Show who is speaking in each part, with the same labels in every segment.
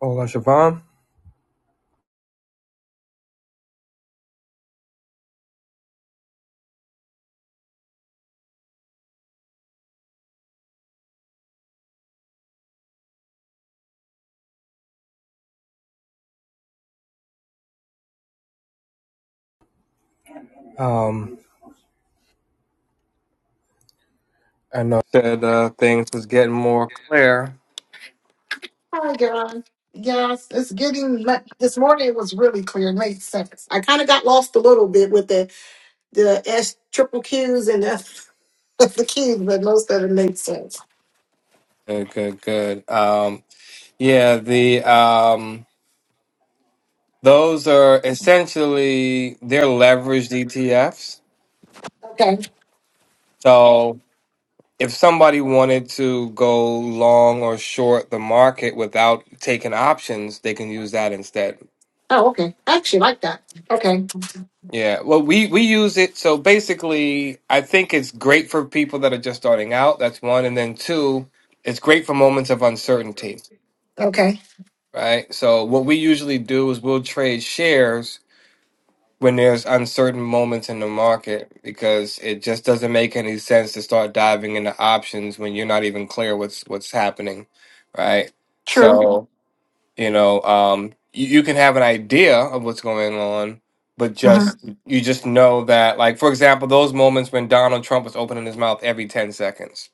Speaker 1: Hola, Siobhan. Um, I know that uh, things was getting more clear.
Speaker 2: Hi, God. Yes, it's getting le- this morning. It was really clear in seconds. I kind of got lost a little bit with the the S triple K and F the key and the labels.
Speaker 1: Good, good, good. Um, yeah, the um, those are essentially they're leveraged ETFs.
Speaker 2: Okay.
Speaker 1: So if somebody wanted to go long or short the market without taking options, they can use that instead.
Speaker 2: Oh, okay. I actually like that. Okay.
Speaker 1: Yeah, well, we we use it. So basically, I think it's great for people that are just starting out. That's one, and then two, it's great for moments of uncertainty.
Speaker 2: Okay.
Speaker 1: right? So what we usually do is we'll trade shares when there's uncertain moments in the market because it just doesn't make any sense to start diving into options when you're not even clear what's what's happening, right?
Speaker 2: True.
Speaker 1: So, you know, um you, you can have an idea of what's going on, but
Speaker 2: hmm
Speaker 1: just you just know that like for example, those moments when Donald Trump was opening his mouth every 10 seconds.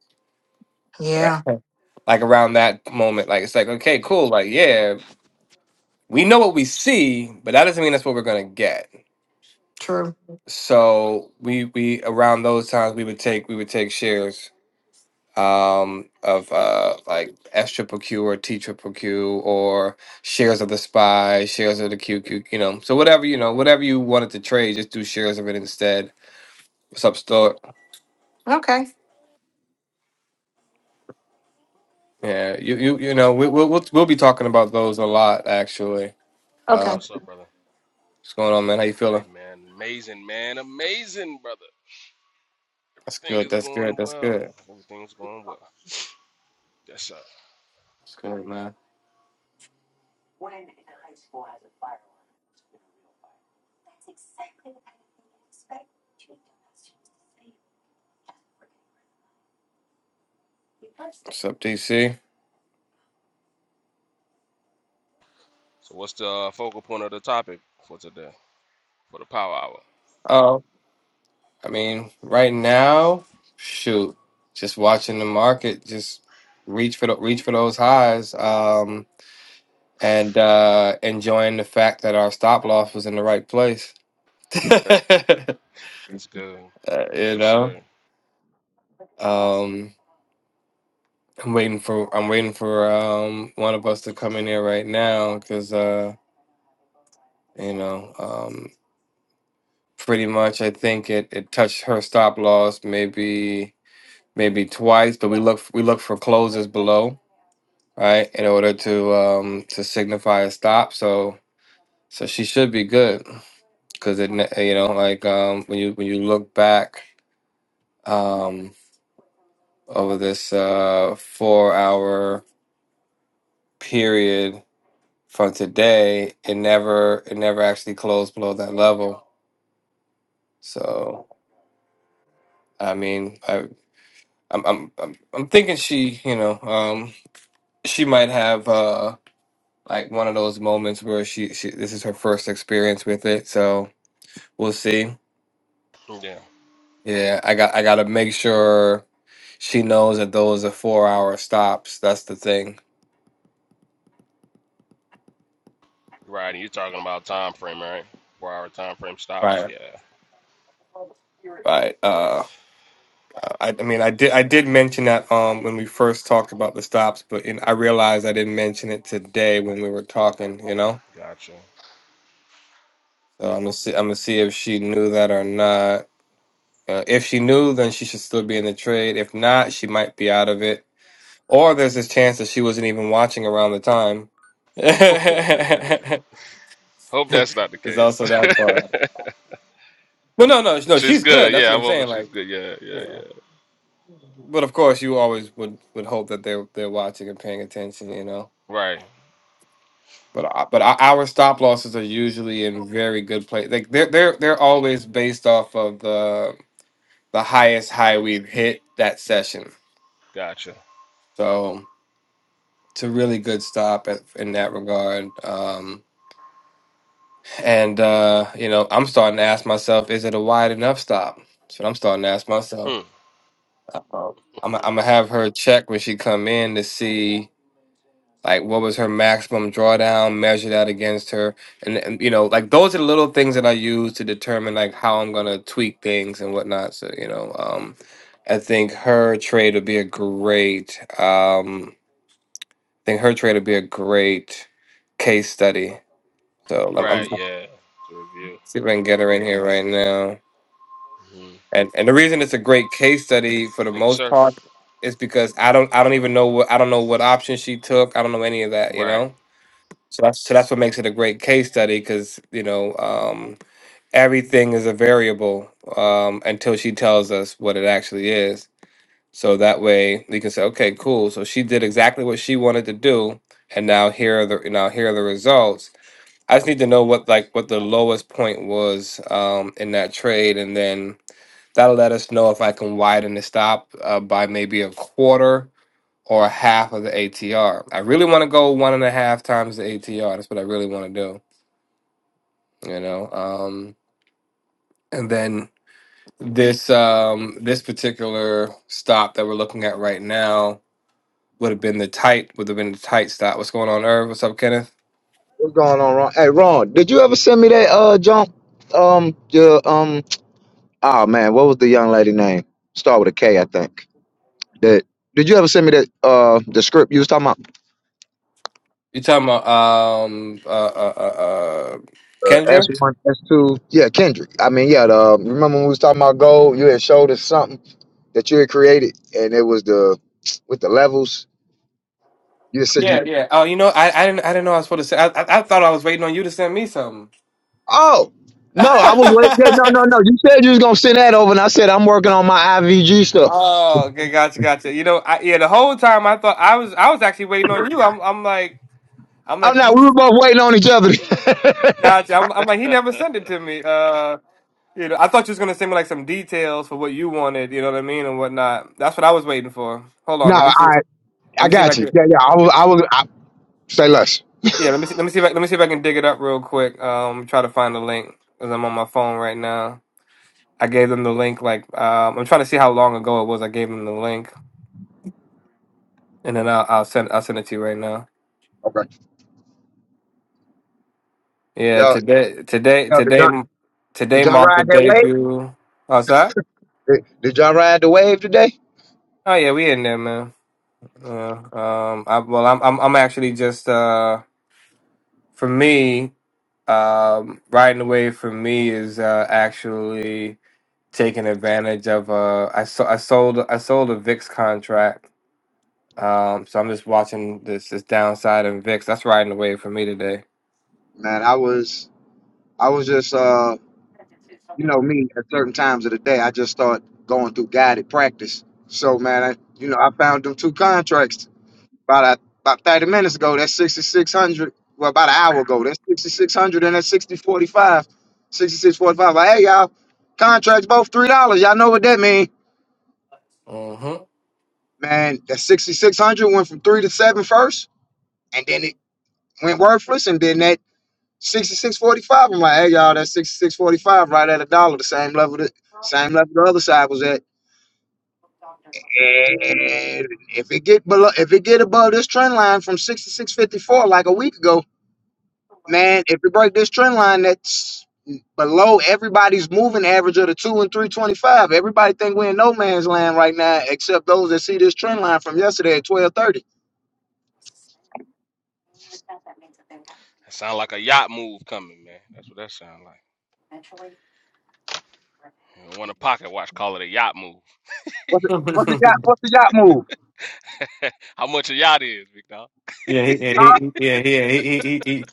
Speaker 1: Right.
Speaker 2: Yeah.
Speaker 1: Like around that moment, like it's like, okay, cool, like yeah, we know what we see, but that doesn't mean that's what we're gonna get.
Speaker 2: True.
Speaker 1: So we we around those times we would take we would take shares um of uh like S triple Q or T triple Q or shares of the spy, shares of the QQ, you know. So whatever, you know, whatever you wanted to trade, just do shares of it instead. What's up, Stuart?
Speaker 2: Okay.
Speaker 1: Yeah, you you you know, we we'll we'll, we'll be talking about those a lot actually.
Speaker 2: Okay.
Speaker 1: Uh
Speaker 3: What's up, brother?
Speaker 1: what's going on, man? How you
Speaker 3: Hey,
Speaker 1: feeling?
Speaker 3: man. Amazing, man. Amazing, brother.
Speaker 1: That's
Speaker 3: Everything
Speaker 1: good,
Speaker 3: is
Speaker 1: that's good,
Speaker 3: going
Speaker 1: that's
Speaker 3: well.
Speaker 1: good.
Speaker 3: Everything's going well. Yes, sir.
Speaker 1: That's good, man. What's up, DC?
Speaker 3: So, what's the uh, focal point of the topic for today? For the power hour.
Speaker 1: Oh. I mean, right now, shoot, just watching the market, just reach for the, reach for those highs, um, and uh, enjoying the fact that our stop loss was in the right place.
Speaker 3: That's good.
Speaker 1: Uh, you
Speaker 3: Yes,
Speaker 1: know,
Speaker 3: sir.
Speaker 1: um, I'm waiting for I'm waiting for um, one of us to come in here right now because uh, you know, um, pretty much I think it, it touched her stop loss maybe maybe twice, but we look we look for closes below. right? In order to um to signify a stop. So so she should be good because it ne- you know like um when you when you look back um over this uh four hour period from today, it never it never actually closed below that level. So I mean I I'm I'm I'm, I'm thinking she you know um she might have uh like one of those moments where she, she this is her first experience with it so we'll see
Speaker 3: Yeah.
Speaker 1: Yeah, I got I gotta make sure she knows that those are four hour stops. That's the thing.
Speaker 3: Right. And You're talking about time frame, right? Four hour time frame stops.
Speaker 1: Right.
Speaker 3: Yeah.
Speaker 1: Right. Uh I, I mean I did I did mention that um when we first talked about the stops, but in, I realized I didn't mention it today when we were talking, you know?
Speaker 3: Gotcha.
Speaker 1: So I'm gonna see I'm gonna see if she knew that or not. Uh, if she knew, then she should still be in the trade. If not, she might be out of it. Or there's this chance that she wasn't even watching around the time.
Speaker 3: Hope that's not the
Speaker 1: There's
Speaker 3: case.
Speaker 1: also that part. Well, no, no, no.
Speaker 3: she's
Speaker 1: She's good.
Speaker 3: good.
Speaker 1: That's
Speaker 3: Yeah.
Speaker 1: what
Speaker 3: I'm
Speaker 1: I'm
Speaker 3: hoping
Speaker 1: saying.
Speaker 3: she's
Speaker 1: Like,
Speaker 3: good. Yeah. Yeah.
Speaker 1: yeah.
Speaker 3: Yeah.
Speaker 1: But of course, you always would would hope that they're they're watching and paying attention. You know.
Speaker 3: Right.
Speaker 1: But I- but our our stop losses are usually in very good place. Like they're they're they're always based off of the the highest high we've hit that session.
Speaker 3: Gotcha.
Speaker 1: So it's a really good stop at, in that regard. Um, and uh, you know, I'm starting to ask myself, is it a wide enough stop? That's what I'm starting to ask myself.
Speaker 3: Hmm.
Speaker 1: uh I'm I'm gonna have her check when she come in to see like what was her maximum drawdown measure that against her and, and you know like those are the little things that i use to determine like how i'm going to tweak things and whatnot so you know um i think her trade would be a great um i think her trade would be a great case study so i'm, I'm
Speaker 3: Right.
Speaker 1: trying to
Speaker 3: Yeah. To review
Speaker 1: see if i can
Speaker 3: with
Speaker 1: get her in
Speaker 3: everyone.
Speaker 1: here right now
Speaker 3: hmm
Speaker 1: and and the reason it's a great case study for the
Speaker 3: Thank you,
Speaker 1: most
Speaker 3: sir.
Speaker 1: part is because i don't i don't even know what i don't know what option she took i don't know any of that you
Speaker 3: Right.
Speaker 1: know So that's so that's what makes it a great case study because you know um, everything is a variable um, until she tells us what it actually is. So that way we can say, okay, cool. So she did exactly what she wanted to do, and now here are the now here are the results. I just need to know what like what the lowest point was um, in that trade, and then that'll let us know if I can widen the stop uh, by maybe a quarter or a half of the ATR. I really want to go one and a half times the ATR. That's what I really want to do you know um and then this um this particular stop that we're looking at right now would have been the tight would have been the tight stop what's going on Irv? what's up kenneth
Speaker 4: What's going on, Ron? Hey, Ron, did you ever send me that uh junk? Um, the um, oh man, what was the young lady name? Start with a K, I think. That did you ever send me that uh the script you was talking about?
Speaker 1: you talking about um uh uh uh, uh
Speaker 4: Uh, S
Speaker 1: kendra
Speaker 4: one, S two. Yeah, Kendrick. I mean, yeah. The, um, remember when we was talking about gold? You had showed us something that you had created, and it was the with the levels. You said you.
Speaker 1: yeah yeah oh you know i i didn't i didn't know i was supposed to say i i, I thought i was waiting on you to send me something
Speaker 4: Oh no, I was wait. Yeah, no, no, no. You said you was gonna send that over, and I said I'm working on my IVG stuff.
Speaker 1: oh okay gotcha gotcha you know I, yeah the whole time i thought i was i was actually waiting on you i'm i'm like i'm like
Speaker 4: I'm not.
Speaker 1: hey,
Speaker 4: We were both waiting on each other.
Speaker 1: gotcha i'm, I'm like he never sent it to me uh You know, I thought you was gonna send me like some details for what you wanted, you know what I mean, and whatnot. That's what I was waiting for. Hold on,
Speaker 4: No,
Speaker 1: let me see.
Speaker 4: I
Speaker 1: Let
Speaker 4: I
Speaker 1: me see if I
Speaker 4: got you.
Speaker 1: can.
Speaker 4: Yeah, yeah.
Speaker 1: let
Speaker 4: I
Speaker 1: me
Speaker 4: will.
Speaker 1: see-
Speaker 4: I will. I, say less.
Speaker 1: Yeah, let me see. Let me see if I, let me see if I can dig it up real quick. Um, try to find the link because I'm on my phone right now. I gave them the link. Like, um, I'm trying to see how long ago it was. I gave them the link, and then I'll, I'll send I'll send it to you right now.
Speaker 4: Okay.
Speaker 1: Yeah,
Speaker 4: Yo,
Speaker 1: today today
Speaker 4: yo. Did
Speaker 1: today
Speaker 4: y'all did
Speaker 1: today
Speaker 4: y'all
Speaker 1: marked the
Speaker 4: ride that wave?
Speaker 1: debut. Oh, that?
Speaker 4: Did, did y'all ride the wave today?
Speaker 1: Oh yeah, we in there, man. Yeah. Um. I, well, I'm I'm I'm actually just uh. For me, um, riding away for me is uh, actually taking advantage of. Uh, I, so- I sold I sold a VIX contract, um, so I'm just watching this this downside in VIX. That's riding away for me today.
Speaker 4: Man, I was I was just uh you know me at certain times of the day I just start going through guided practice. So man, I you know I found them two contracts about a, about thirty minutes ago. That's sixty six hundred. Well, about an hour ago. That's sixty six hundred and that's sixty forty five. Sixty six forty five. Like, hey y'all, contracts both three dollars. Y'all know what that means.
Speaker 1: Mm-hmm.
Speaker 4: Man, that 6600 went from three to seven first, and then it went worthless, and then that 6645. I'm like, hey y'all, that 6645 right at a dollar, the same level the same level the other side was at. And if it get below, if it get above this trend line from 6654 like a week ago, man, if it break this trend line that's below everybody's moving average of the two and three twenty five, everybody think we're in no man's land right now, except those that see this trend line from yesterday at 1230.
Speaker 3: That sound like a yacht move coming, man. That's what that sound like. You want a pocket watch? Call it a yacht move.
Speaker 4: What's the, what's the yacht? What's the yacht move?
Speaker 3: How much a yacht is, big dog?
Speaker 1: yeah, he, yeah,
Speaker 4: Huh?
Speaker 1: he, yeah, he, yeah, he, he, he, he,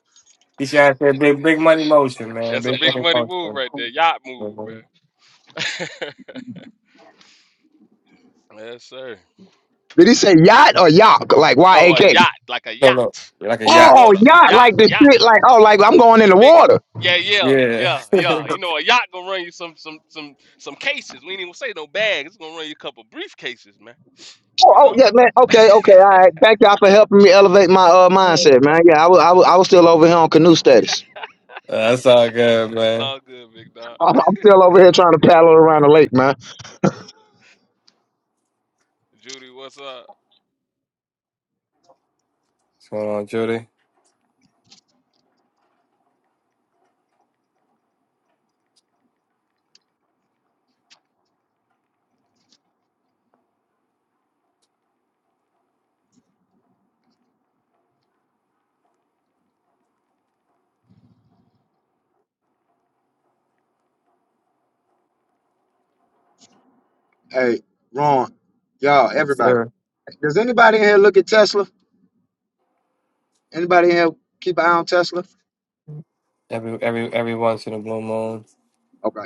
Speaker 1: he trying to say big, big money motion, man,
Speaker 3: That's a
Speaker 1: big
Speaker 3: big
Speaker 1: money
Speaker 3: money move
Speaker 1: motion.
Speaker 3: right there. Yacht move,
Speaker 1: Mhm.
Speaker 3: man. yes, sir.
Speaker 4: Did he say yacht or yacht? Like Y
Speaker 3: No,
Speaker 4: A
Speaker 3: a
Speaker 4: K.
Speaker 3: yacht, like a
Speaker 1: No, no,
Speaker 3: yacht.
Speaker 1: You're like a
Speaker 3: The
Speaker 1: yacht.
Speaker 4: Oh,
Speaker 3: water,
Speaker 4: yacht,
Speaker 3: yacht,
Speaker 4: like the
Speaker 3: yacht.
Speaker 4: shit, like oh, like I'm going in
Speaker 3: The
Speaker 4: the
Speaker 3: big,
Speaker 4: water.
Speaker 3: yeah, yeah,
Speaker 1: Yeah,
Speaker 3: yeah, yeah.
Speaker 1: Uh,
Speaker 3: You know, a yacht gonna run you some, some, some, some cases. We ain't even say no bag. It's gonna run you a couple briefcases, man.
Speaker 4: Oh,
Speaker 3: You
Speaker 4: oh
Speaker 3: know,
Speaker 4: yeah, man. Okay, okay, all right. Thank y'all for helping me elevate my uh mindset, man. Yeah, I was, I was, I was still over here on canoe status.
Speaker 1: that's all good,
Speaker 3: it's
Speaker 1: man.
Speaker 3: all good, big dog.
Speaker 4: I'm I'm still over here trying to paddle around the lake, man.
Speaker 3: Judy, what's up?
Speaker 1: What's going on, Judy?
Speaker 4: Hey, Ron, y'all,
Speaker 1: Yes,
Speaker 4: everybody.
Speaker 1: sir.
Speaker 4: Does anybody in here look at Tesla? Anybody in here keep an eye on Tesla?
Speaker 1: every every every once in a blue moon.
Speaker 4: Okay.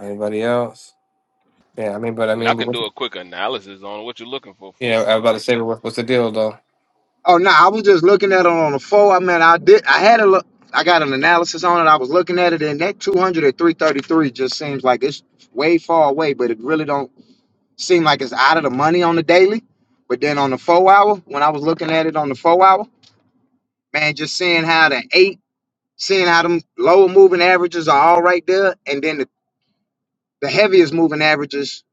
Speaker 1: Anybody else? Yeah, I mean, but
Speaker 3: I
Speaker 1: I
Speaker 3: mean, I
Speaker 1: mean, but
Speaker 3: can
Speaker 1: what's,
Speaker 3: do a quick analysis on what you're looking for for,
Speaker 1: yeah, I was about to say,
Speaker 3: Tesla.
Speaker 1: but what's, what's the deal though?
Speaker 4: Oh no, I was just looking at it on the four. I mean, I did. I had a look. I got an analysis on it. I was looking at it, and that 200 at 333 just seems like it's way far away, but it really don't seem like it's out of the money on the daily. But then on the four hour, when I was looking at it on the four hour, man, just seeing how the eight, seeing how them lower moving averages are all right there, and then the, the heaviest moving averages,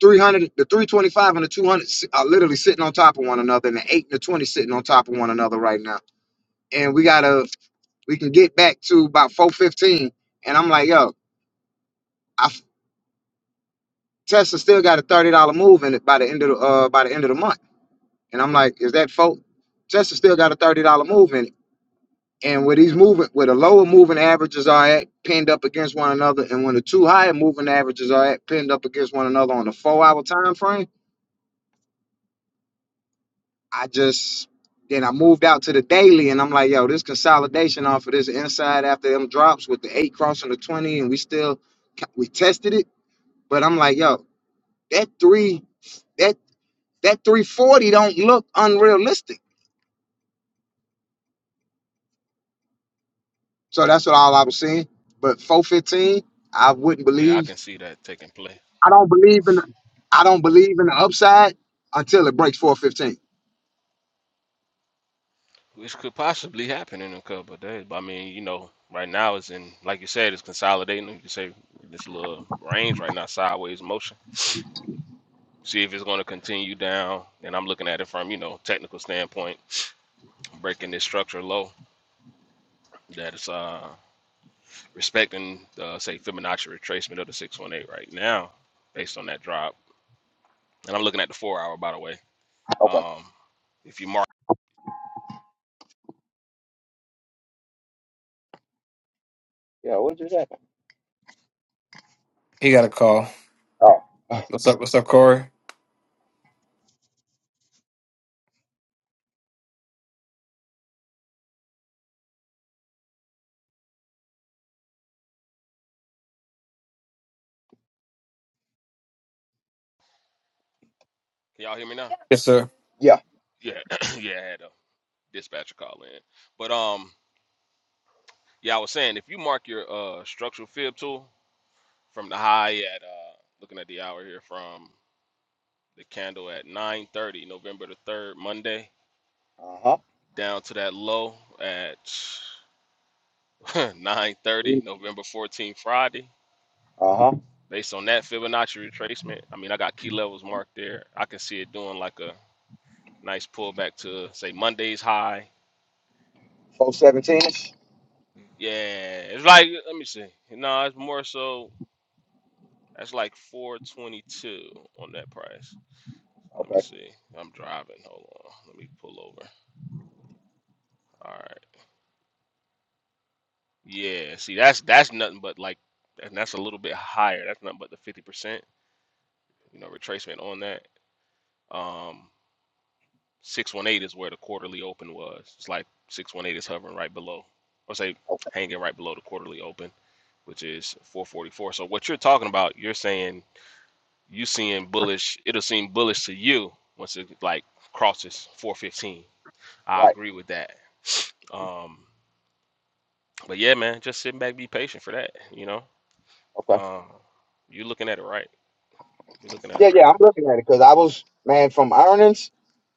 Speaker 4: 300, the 325 and the 200 si- are literally sitting on top of one another, and the eight and the 20 sitting on top of one another right now and we got a we can get back to about 415 and i'm like yo i f- tesla still got a $30 move in it by the end of the uh by the end of the month and i'm like is that folk tesla still got a $30 move in it and where these moving where the lower moving averages are at pinned up against one another and when the two higher moving averages are at pinned up against one another on the four hour time frame i just then I moved out to the daily, and I'm like, yo, this consolidation off of this inside after them drops with the eight crossing the twenty, and we still we tested it. But I'm like, yo, that three that that 340 don't look unrealistic. So that's what all I was saying. But 415, I wouldn't
Speaker 3: Yeah, I
Speaker 4: believe.
Speaker 3: can see that taking place,
Speaker 4: I don't believe in. The, I don't believe in the upside until it breaks 415.
Speaker 3: which could possibly happen in a couple of days. But I mean, you know, right now it's in, like you said, it's consolidating. You can say this little range right now, sideways motion. See if it's going to continue down. And I'm looking at it from, you know, technical standpoint, breaking this structure low that is uh, respecting, uh, say, Fibonacci retracement of the 618 right now, based on that drop. And I'm looking at the four hour, by the way.
Speaker 4: Okay.
Speaker 3: Um, if you mark,
Speaker 4: Yeah, what just happened?
Speaker 1: He got a call.
Speaker 4: Oh,
Speaker 1: What's up? What's up, Corey?
Speaker 3: can y'all hear me now?
Speaker 1: Yes, sir.
Speaker 4: yeah.
Speaker 3: Yeah, yeah, I had a dispatcher call in. But um, yeah, I was saying if you mark your uh structural fib tool from the high at uh looking at the hour here from the candle at 9:30 November the 3rd Monday
Speaker 4: Uh huh.
Speaker 3: down to that low at 9:30 November 14th Friday. Based on that Fibonacci retracement, I mean, I got key levels marked there. I can see it doing like a nice pullback to say Monday's high.
Speaker 4: 417 ish.
Speaker 3: Yeah, it's like let me see. No, it's more so. That's like 422 on that price. Let me
Speaker 4: Okay.
Speaker 3: see. I'm driving. Hold on. Let me pull over. All right. Yeah. See, that's that's nothing but like, and that's a little bit higher. That's nothing but the 50%, you know, retracement on that. Um, 618 is where the quarterly open was. It's like 618 is hovering right below, or say
Speaker 4: Okay.
Speaker 3: hanging right below the quarterly open, which is 444. So what you're talking about, you're saying you seeing bullish, it'll seem bullish to you once it like crosses 415 I
Speaker 4: Right.
Speaker 3: agree with that. Um, but yeah, man, just sit back, be patient for that. You know,
Speaker 4: Okay.
Speaker 3: um, you looking at it right. You are looking at it
Speaker 4: Yeah, yeah.
Speaker 3: right.
Speaker 4: I'm looking at it because I was, man, from earnings,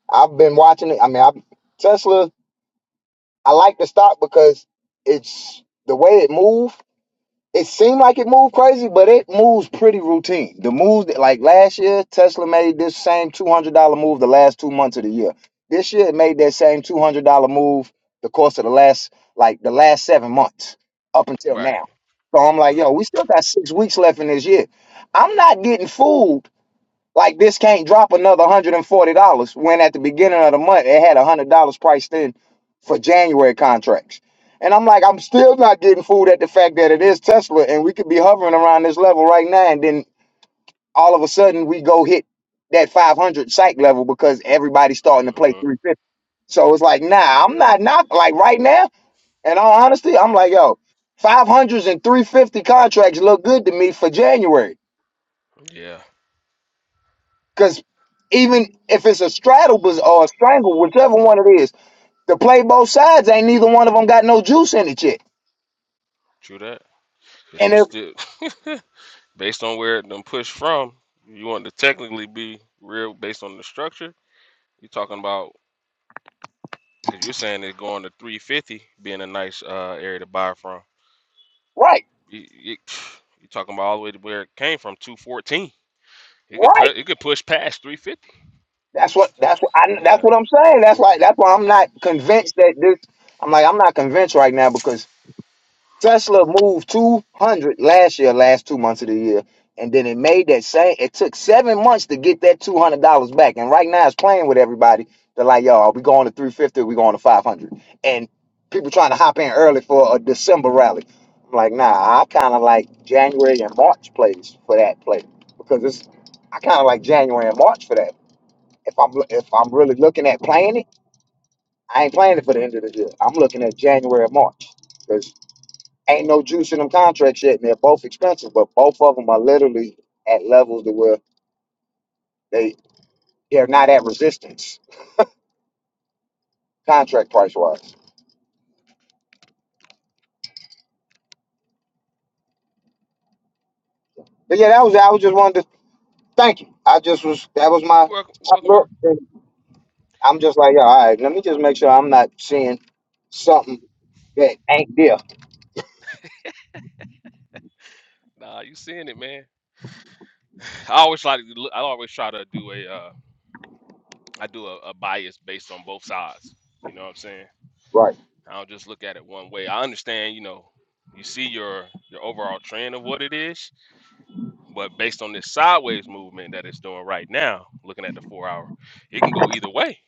Speaker 4: I've been watching it. I mean, I, Tesla, I like the stock because it's the way it moves. It seemed like it moved crazy, but it moves pretty routine. The moves that- like last year, Tesla made this same two hundred dollar move the last two months of the year. This year, it made that same two hundred dollar move the course of the last like the last seven months up until
Speaker 3: Right.
Speaker 4: now. So I'm like,
Speaker 3: Mm,
Speaker 4: yo, we still got six weeks left in this year. I'm not getting fooled like this can't drop another one hundred and forty dollars when at the beginning of the month it had a hundred dollars priced in for January contracts. And I'm like, I'm still not getting fooled at the fact that it is Tesla and we could be hovering around this level right now, and then all of a sudden we go hit that five hundred psych level because everybody's starting to play
Speaker 3: mm-hmm.
Speaker 4: three fifty. So it's like, nah, I'm not not like right now. In all honesty, I'm like, yo, 500s and 350 contracts look good to me for January.
Speaker 3: Yeah.
Speaker 4: Because even if it's a straddle bus- or a strangle, whichever one it is, to play both sides, ain't neither one of them got no juice in it yet.
Speaker 3: True that. Cause
Speaker 4: And
Speaker 3: you
Speaker 4: if
Speaker 3: still, based on where it done pushed from, you want to technically be real based on the structure. You're talking about because you're saying it's going to 350 being a nice uh, area to buy from.
Speaker 4: right,
Speaker 3: You, you, you're talking about all the way to where it came from 214. It could pu-
Speaker 4: right,
Speaker 3: it could push past 350.
Speaker 4: that's what that's what I that's
Speaker 3: Yeah.
Speaker 4: what I'm saying. That's why that's why I'm not convinced that this. I'm like I'm not convinced right now because Tesla moved 200 last year, last two months of the year, and then it made that same. It took seven months to get that two hundred dollars back, and right now it's playing with everybody. They're like, "Yo, are we going to three fifty? We going to five hundred?" And people trying to hop in early for a December rally. I'm like, nah, I kind of like January and March plays for that play because it's. I kind of like January and March for that. If I'm if I'm really looking at playing it, I ain't playing it for the end of the year. I'm looking at January and March because. Ain't no juice in them contracts yet, and they're both expensive, but both of them are literally at levels to where they they're not at resistance contract price wise. But yeah, that was I was just wanted to thank you. I just was that was my
Speaker 3: You welcome. You welcome,
Speaker 4: look.
Speaker 3: Eric.
Speaker 4: I'm just like, yeah, all right, let me just make sure I'm not seeing something that ain't there.
Speaker 3: Nah, you seeing it, man. I always try to. look- I always try to do a. Uh, I do a, a bias based on both sides. You know what I'm saying?
Speaker 4: Right.
Speaker 3: I don't just look at it one way. I understand. You know, you see your your overall trend of what it is, but based on this sideways movement that it's doing right now, looking at the four hour, it can go either way.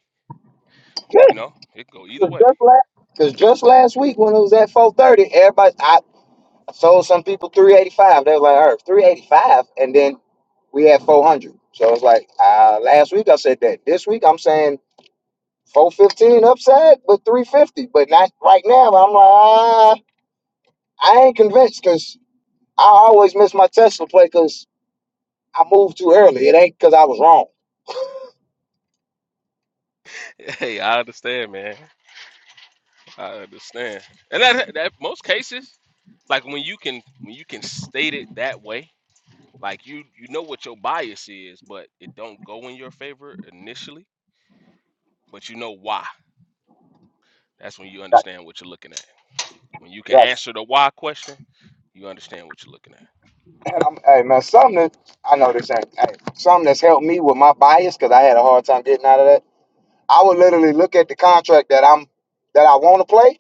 Speaker 3: You know, it can go either way.
Speaker 4: Because just last week when it was at 430, everybody, I sold some people 385. They were like, all right, 385. And then we had 400. So it's like uh, last week I said that. This week I'm saying 415 upside, but 350, but not right now. I'm like, ah, I ain't convinced because I always miss my Tesla play because I moved too early. It ain't because I was wrong.
Speaker 3: Hey, I understand, man. I understand. And that that most cases, like when you can when you can state it that way. Like you you know what your bias is, but it don't go in your favor initially, but you know why. That's when you understand what you're looking at. When you can
Speaker 4: Right.
Speaker 3: answer the why question, you understand what you're looking at.
Speaker 4: And I'm, hey man, something that I know this ain't hey, something that's helped me with my bias because I had a hard time getting out of that. I would literally look at the contract that I'm that I want to play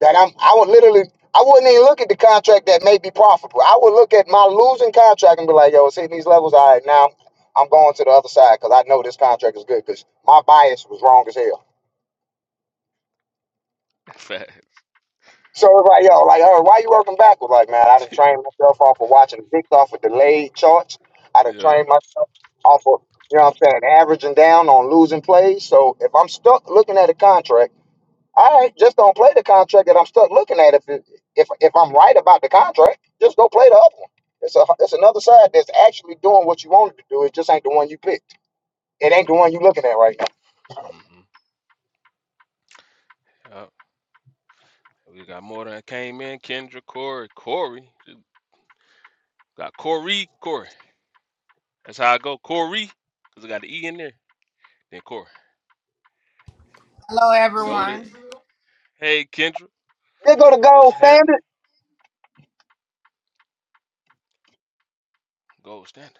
Speaker 4: that I'm I would literally I wouldn't even look at the contract that may be profitable. I would look at my losing contract and be like, yo, it's hitting these levels. All right, now I'm going to the other side because I know this contract is good because my bias was wrong as hell.
Speaker 3: Facts.
Speaker 4: So it's like, yo, like, oh, why you working backwards? Like, man, I done trained myself off of watching VIX off of delayed charts. I done
Speaker 3: yeah.
Speaker 4: trained myself off of, you know what I'm saying, averaging down on losing plays. So if I'm stuck looking at a contract, All right, just don't play the contract that I'm stuck looking at. If it, if if I'm right about the contract, just go play the other one. It's a it's another side that's actually doing what you wanted to do. It just ain't the one you picked. It ain't the one you looking at right now.
Speaker 3: hmm Yep. We got more than came in. Kendra, Corey, Corey. Got Corey, Corey. That's how I go. Corey. Because I got the E in there. Then Corey.
Speaker 5: Hello,
Speaker 3: Noted.
Speaker 5: everyone.
Speaker 3: Hey, Kendra.
Speaker 4: They go to
Speaker 3: What's
Speaker 4: gold
Speaker 3: happening?
Speaker 4: standard.
Speaker 3: Gold standard.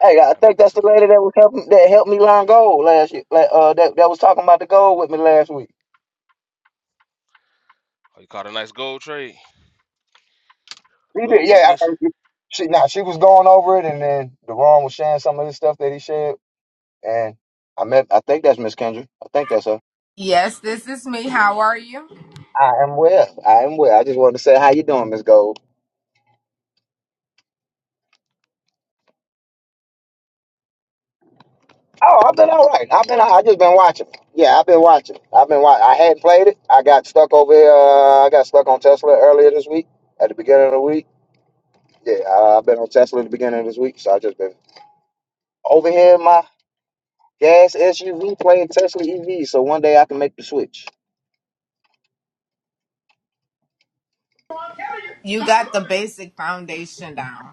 Speaker 4: Hey, I
Speaker 3: That
Speaker 4: think
Speaker 3: must be
Speaker 4: that's the
Speaker 3: something else.
Speaker 4: lady that was helping that helped me line gold last year. like, Uh, that that was talking about the gold with me last week.
Speaker 3: Oh, you caught a nice gold trade.
Speaker 4: She
Speaker 3: Gold
Speaker 4: did, yeah. I,
Speaker 3: position.
Speaker 4: I- she now she was going over it, and then Deron was sharing some of the stuff that he shared, and I met. I think that's Miss Kendra. I think that's her.
Speaker 5: Yes, this is me. How are you?
Speaker 4: I am well. I am well. I just wanted to say how you doing, Miss Gold. Oh, I've been all right. I've been. I just been watching. Yeah, I've been watching. I've been. Watch- I hadn't played it. I got stuck over here. Uh, I got stuck on Tesla earlier this week. At the beginning of the week. Yeah, I- I've been on Tesla at the beginning of this week, so I just been over here in my gas SUV playing Tesla EV. So one day I can make the switch.
Speaker 5: You got the basic foundation down.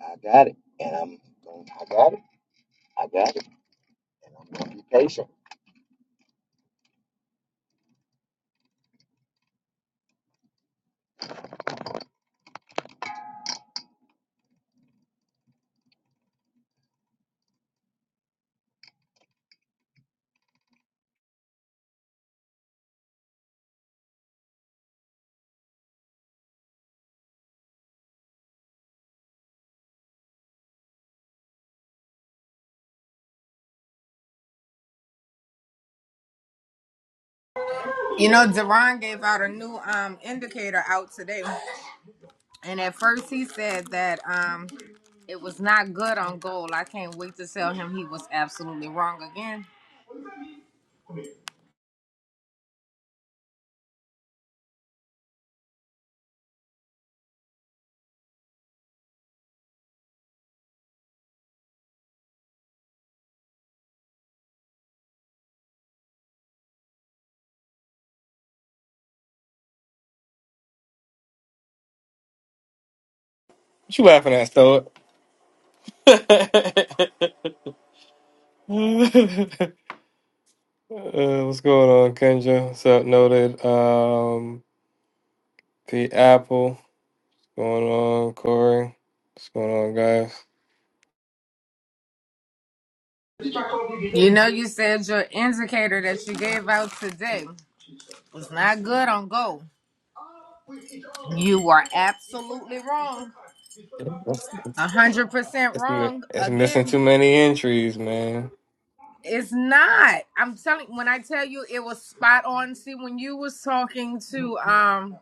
Speaker 4: I got it, and I'm. I got it. I got it.
Speaker 5: You know, Deron gave out a new um, indicator out today, and at first he said that um, it was not good on gold. I can't wait to tell him he was absolutely wrong again.
Speaker 1: What you laughing at, Stoic? uh, what's going on, Kendra? What's up, noted? Um, P Apple. What's going on, Corey? What's going on, guys?
Speaker 5: You know, you said your indicator that you gave out today was not good on gold. You were absolutely wrong.
Speaker 1: It's,
Speaker 5: A hundred percent
Speaker 1: it's,
Speaker 5: wrong
Speaker 1: it's missing
Speaker 5: again.
Speaker 1: too many entries, man.
Speaker 5: It's not. I'm telling. When I tell you, it was spot on. See, when you was talking to um,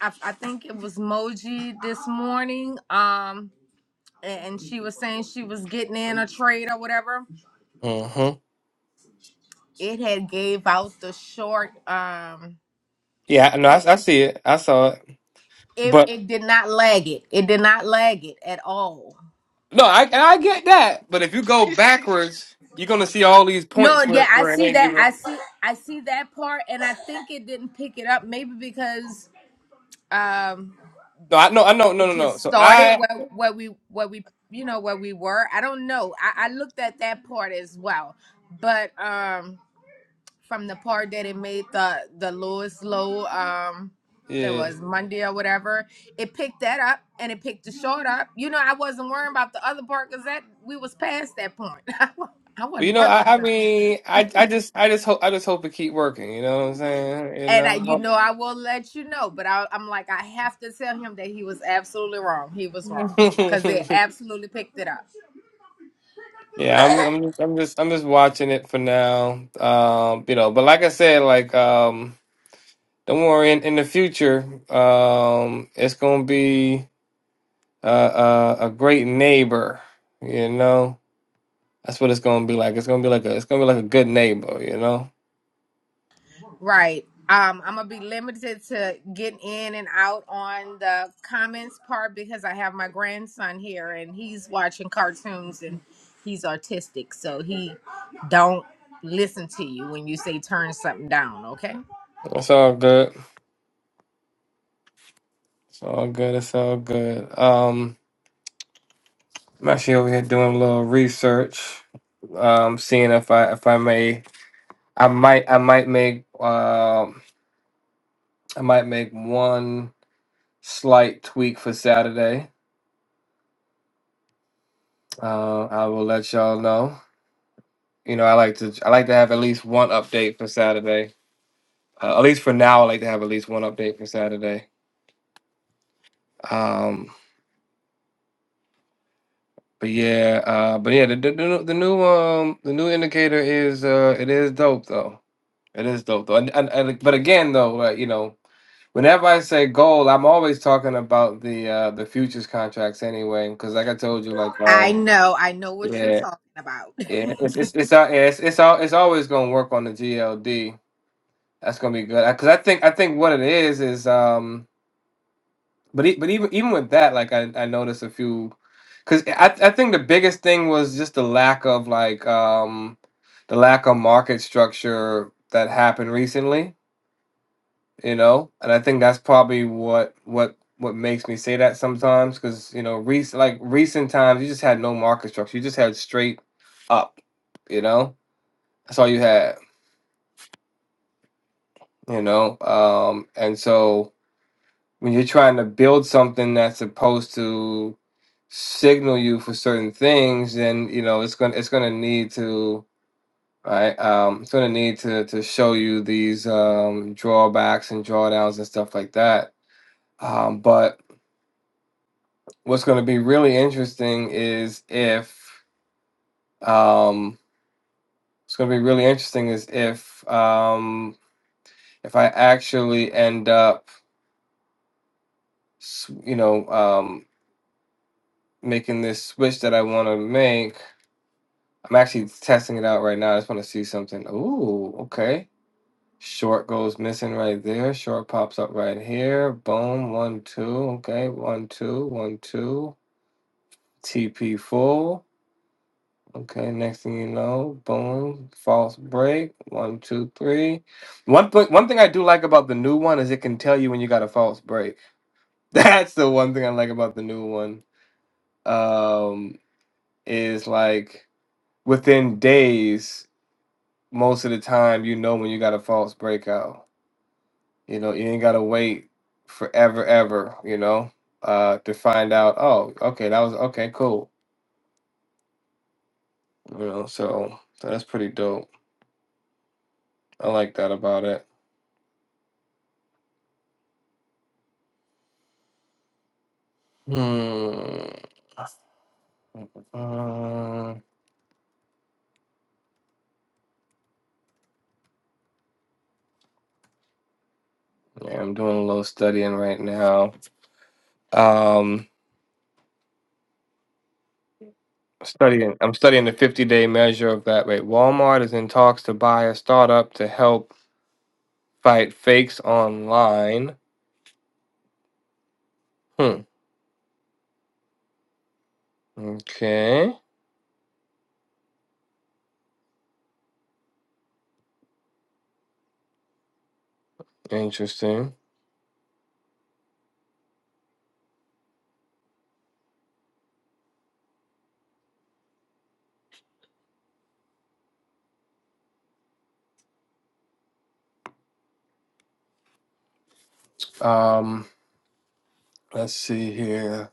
Speaker 5: I, I think it was Moji this morning. Um, and, and she was saying she was getting in a trade or whatever.
Speaker 1: Mm-hmm.
Speaker 5: It had gave out the short. Um,
Speaker 1: Yeah, no, I,
Speaker 5: ticket.
Speaker 1: I see it. I saw it.
Speaker 5: it
Speaker 1: But
Speaker 5: it did not lag it. It did not lag it at all.
Speaker 1: No, I and I get that, but if you go backwards, you're gonna see all these
Speaker 5: No,
Speaker 1: points where
Speaker 5: yeah, I
Speaker 1: where it
Speaker 5: see
Speaker 1: ain't
Speaker 5: that. I
Speaker 1: given.
Speaker 5: see. I see that part, and I think it didn't pick it up. Maybe because. um
Speaker 1: No, I know, I know, no,
Speaker 5: it
Speaker 1: no, no.
Speaker 5: just
Speaker 1: So
Speaker 5: started
Speaker 1: I,
Speaker 5: where where we where we you know where we were. I don't know. I, I looked at that part as well, but um, from the part that it made the the lowest low um that
Speaker 1: yeah.
Speaker 5: was Monday or whatever, it picked that up and it picked the short up. You know, I wasn't worrying about the other part because that we was past that point. I
Speaker 1: Well, you
Speaker 5: wasn't
Speaker 1: know,
Speaker 5: worried about
Speaker 1: I, I
Speaker 5: that.
Speaker 1: mean, I, I just, I just hope, I just hope it keep working. You know what I'm saying? You
Speaker 5: And I, you
Speaker 1: know.
Speaker 5: know, I will let you know, but I, I'm like, I have to tell him that he was absolutely wrong. He was wrong because they absolutely picked it up.
Speaker 1: yeah, I'm, I'm just, I'm just, I'm just watching it for now. Um, you know, but like I said, like, um, don't worry. In, in the future, um, it's gonna be a, a, a great neighbor. You know. That's what it's gonna be like. It's gonna be like a it's gonna be like a good neighbor, you know?
Speaker 5: Right. Um, I'm gonna be limited to getting in and out on the comments part because I have my grandson here and he's watching cartoons and he's autistic, so he don't listen to you when you say turn something down, okay?
Speaker 1: It's all good. It's all good, it's all good. Um I'm actually over here doing a little research. Um seeing if I if I may I might I might make um I might make one slight tweak for Saturday. Uh I will let y'all know. You know, I like to I like to have at least one update for Saturday. Uh, at least for now I like to have at least one update for Saturday. Um. But yeah, uh, but yeah, the, the the new the new, um the new indicator is uh it is dope though. It is dope though, and, and, and but again though, like, you know, whenever I say gold, I'm always talking about the uh the futures contracts anyway, because like I told you, like
Speaker 5: I
Speaker 1: um
Speaker 5: know, I know what you're
Speaker 1: yeah
Speaker 5: talking about.
Speaker 1: yeah it's it's it's al- yeah, it's it's, al- it's always gonna work on the GLD. That's gonna be good because I think I think what it is is um. But e- but even even with that, like I, I noticed a few, because I I think the biggest thing was just the lack of like um the lack of market structure that happened recently, you know, and I think that's probably what what what makes me say that sometimes because you know recent like recent times you just had no market structure, you just had straight up, you know, that's all you had, you know, um, and so. when you're trying to build something that's supposed to signal you for certain things, then you know it's gonna it's gonna need to right um it's gonna need to to show you these um drawbacks and drawdowns and stuff like that. Um but what's gonna be really interesting is if um it's gonna be really interesting is if um if I actually end up s- you know um making this switch that I want to make I'm actually testing it out right now. I just want to see something. Ooh, okay. Short goes missing right there. Short pops up right here. Boom. One, two. Okay. one, two, one, two. TP full. Okay. Next thing you know, boom. False break. One, two, three. One, th- one thing I do like about the new one is it can tell you when you got a false break. That's the one thing I like about the new one. Um, is like within days. most of the time you know when you got a false breakout. You know, you ain't gotta wait forever ever, you know, uh to find out, oh, okay, that was okay, cool. You know, so so that's pretty dope. I like that about it. Hmm. Uh, yeah, I'm doing a little studying right now. Um studying I'm studying the 50-day measure of that Wait, Walmart is in talks to buy a startup to help fight fakes online. Hmm. Okay. Interesting. Um, let's see here.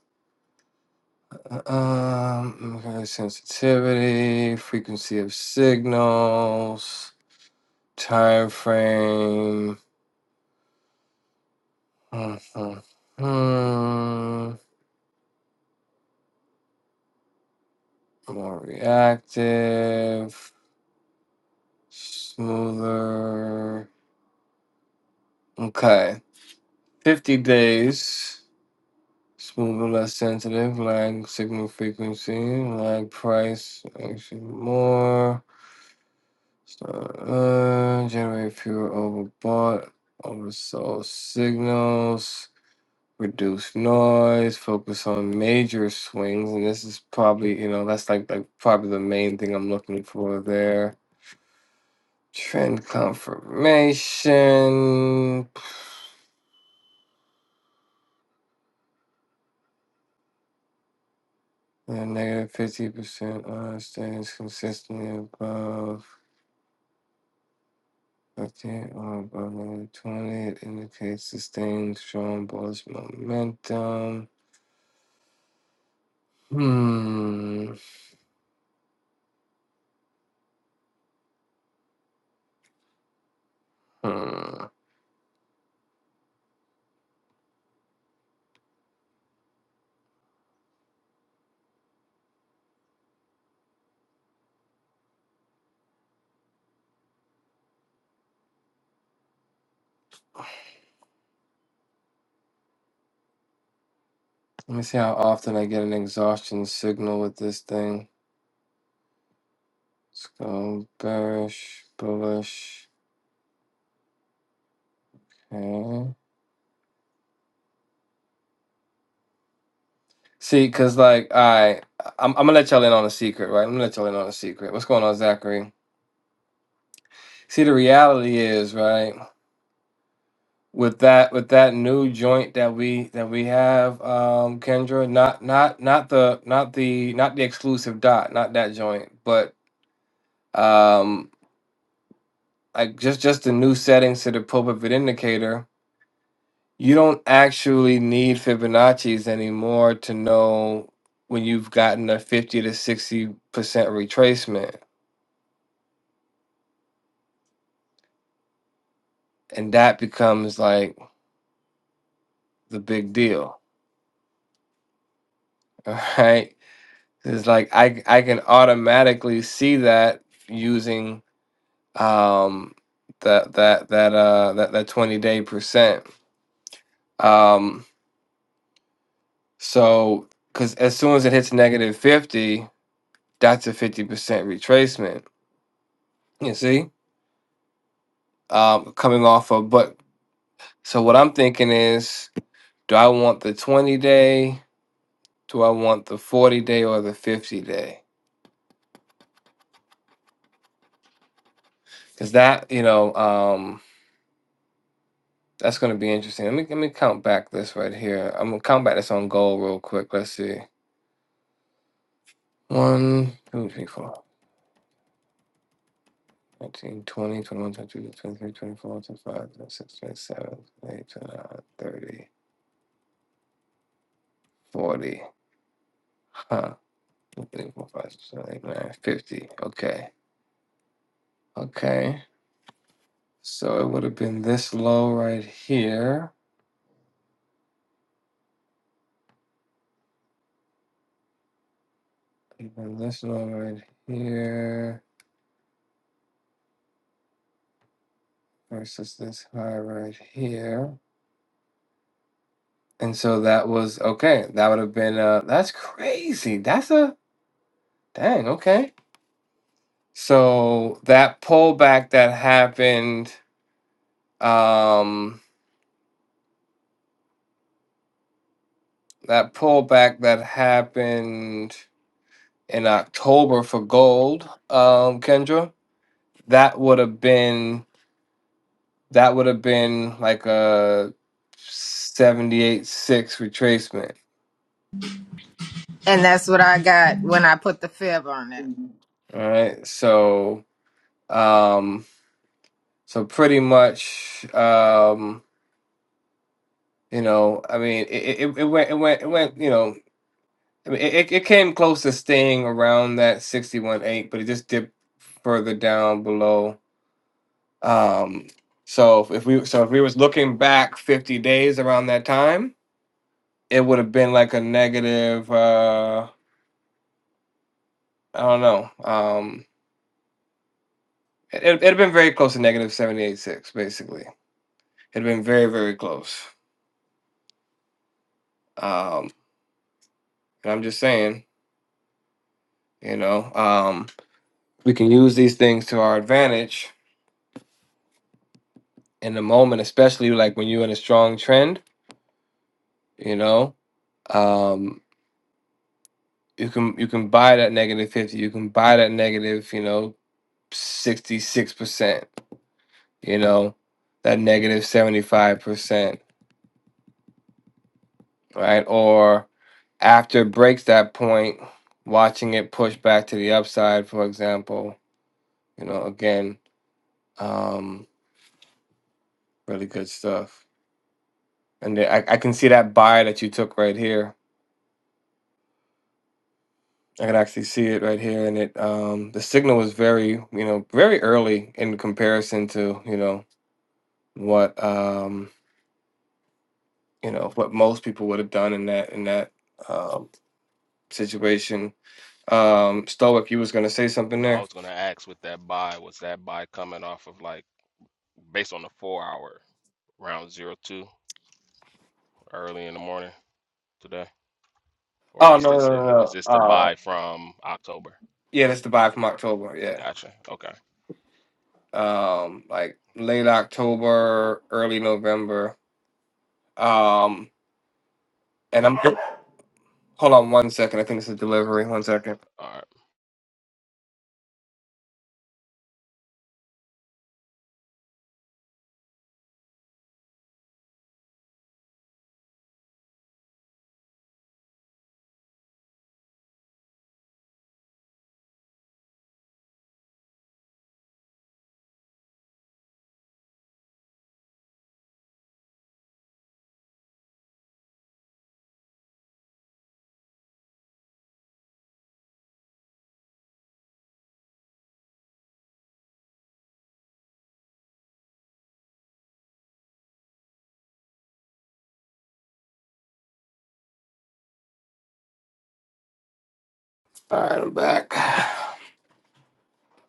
Speaker 1: Uh, Um, okay, sensitivity, frequency of signals, time frame. Mhm. hmm hmm. More reactive, smoother. Okay, fifty days. Smoother, less sensitive, lag signal frequency, lag price, actually more. So, uh, generate fewer overbought, oversold signals, reduce noise, focus on major swings, and this is probably you know that's like like probably the main thing I'm looking for there. Trend confirmation, and negative fifty percent on stays consistently above. 50 or above negative 20 it indicates sustained strong bullish momentum. Hmm. Hmm. Let me see how often I get an exhaustion signal with this thing. Let's go bearish, bullish. Okay. See, cause like I, I'm, I'm gonna let y'all in on a secret, right? I'm gonna let y'all in on a secret. What's going on, Zachary? See, the reality is, right, with that, with that new joint that we that we have, um, Kendra, not not not the not the not the exclusive dot, not that joint, but um, like just just the new settings to the pull pivot indicator You don't actually need Fibonacci's anymore to know when you've gotten a 50 to 60% retracement. And that becomes like the big deal. All right. It's like I, I can automatically see that using um that that that uh that, that 20 day percent. Um so because as soon as it hits negative 50, that's a 50% retracement. You see? um, coming off of. But So what I'm thinking is, do I want the 20 day? Do I want the 40 day or the 50 day? Because that, you know, um, that's going to be interesting. Let me let me count back this right here. I'm gonna count back this on goal real quick. Let's see. One, two, three, four. 19, 20, 21, twenty-two, twenty-three, twenty-four, twenty-five, twenty-six, twenty-seven, twenty-eight, twenty-nine, thirty, forty. Huh. twenty-three, twenty-four, twenty-five, twenty-six, twenty-eight, twenty-nine, 50. Okay. Okay. So it would have been this low right here, even this low right here, versus this high right here. And so that was okay. That would have been uh that's crazy. That's a dang, okay. So that pullback that happened, um that pullback that happened in October for gold, um, Kendra, that would have been That would have been like a 78 6 retracement.
Speaker 5: and that's what I got when I put the fib on it.
Speaker 1: All right. So, um, so pretty much, um, you know, I mean, it, it, it went, it went, it went, you know, I mean, it, it came close to staying around that 61 8, but it just dipped further down below. Um, so if we, so if we was looking back 50 days around that time, it would have been like a negative, uh, I don't know. Um, It it had been very close to negative seventy eight six, basically. It had been very, very close. Um, and I'm just saying, you know, um, we can use these things to our advantage in the moment, especially like when you're in a strong trend. You know, um, you can you can buy that negative fifty. You can buy that negative, you know, sixty six percent. You know, that negative seventy five percent right? Or after it breaks that point, watching it push back to the upside, for example, you know, again, um, really good stuff. And the- I, I can see that buy that you took right here. I can actually see it right here, and it um, the signal was very, you know, very early in comparison to you know what um, you know what most people would have done in that in that um, situation. Um, Stoic, you was gonna say something
Speaker 3: No, I
Speaker 1: there?
Speaker 3: was gonna ask with that buy, was that buy coming off of like based on the four hour round zero two early in the morning today? Or
Speaker 1: Oh
Speaker 3: is
Speaker 1: no no
Speaker 3: this
Speaker 1: no
Speaker 3: a
Speaker 1: no!
Speaker 3: is
Speaker 1: no,
Speaker 3: this the
Speaker 1: uh,
Speaker 3: buy from October?
Speaker 1: Yeah, that's the buy from October. Yeah.
Speaker 3: Gotcha. Okay.
Speaker 1: Um, like late October, early November. Um, and I'm hold on one second. I think it's a delivery. One second.
Speaker 3: All right.
Speaker 1: All right, I'm back.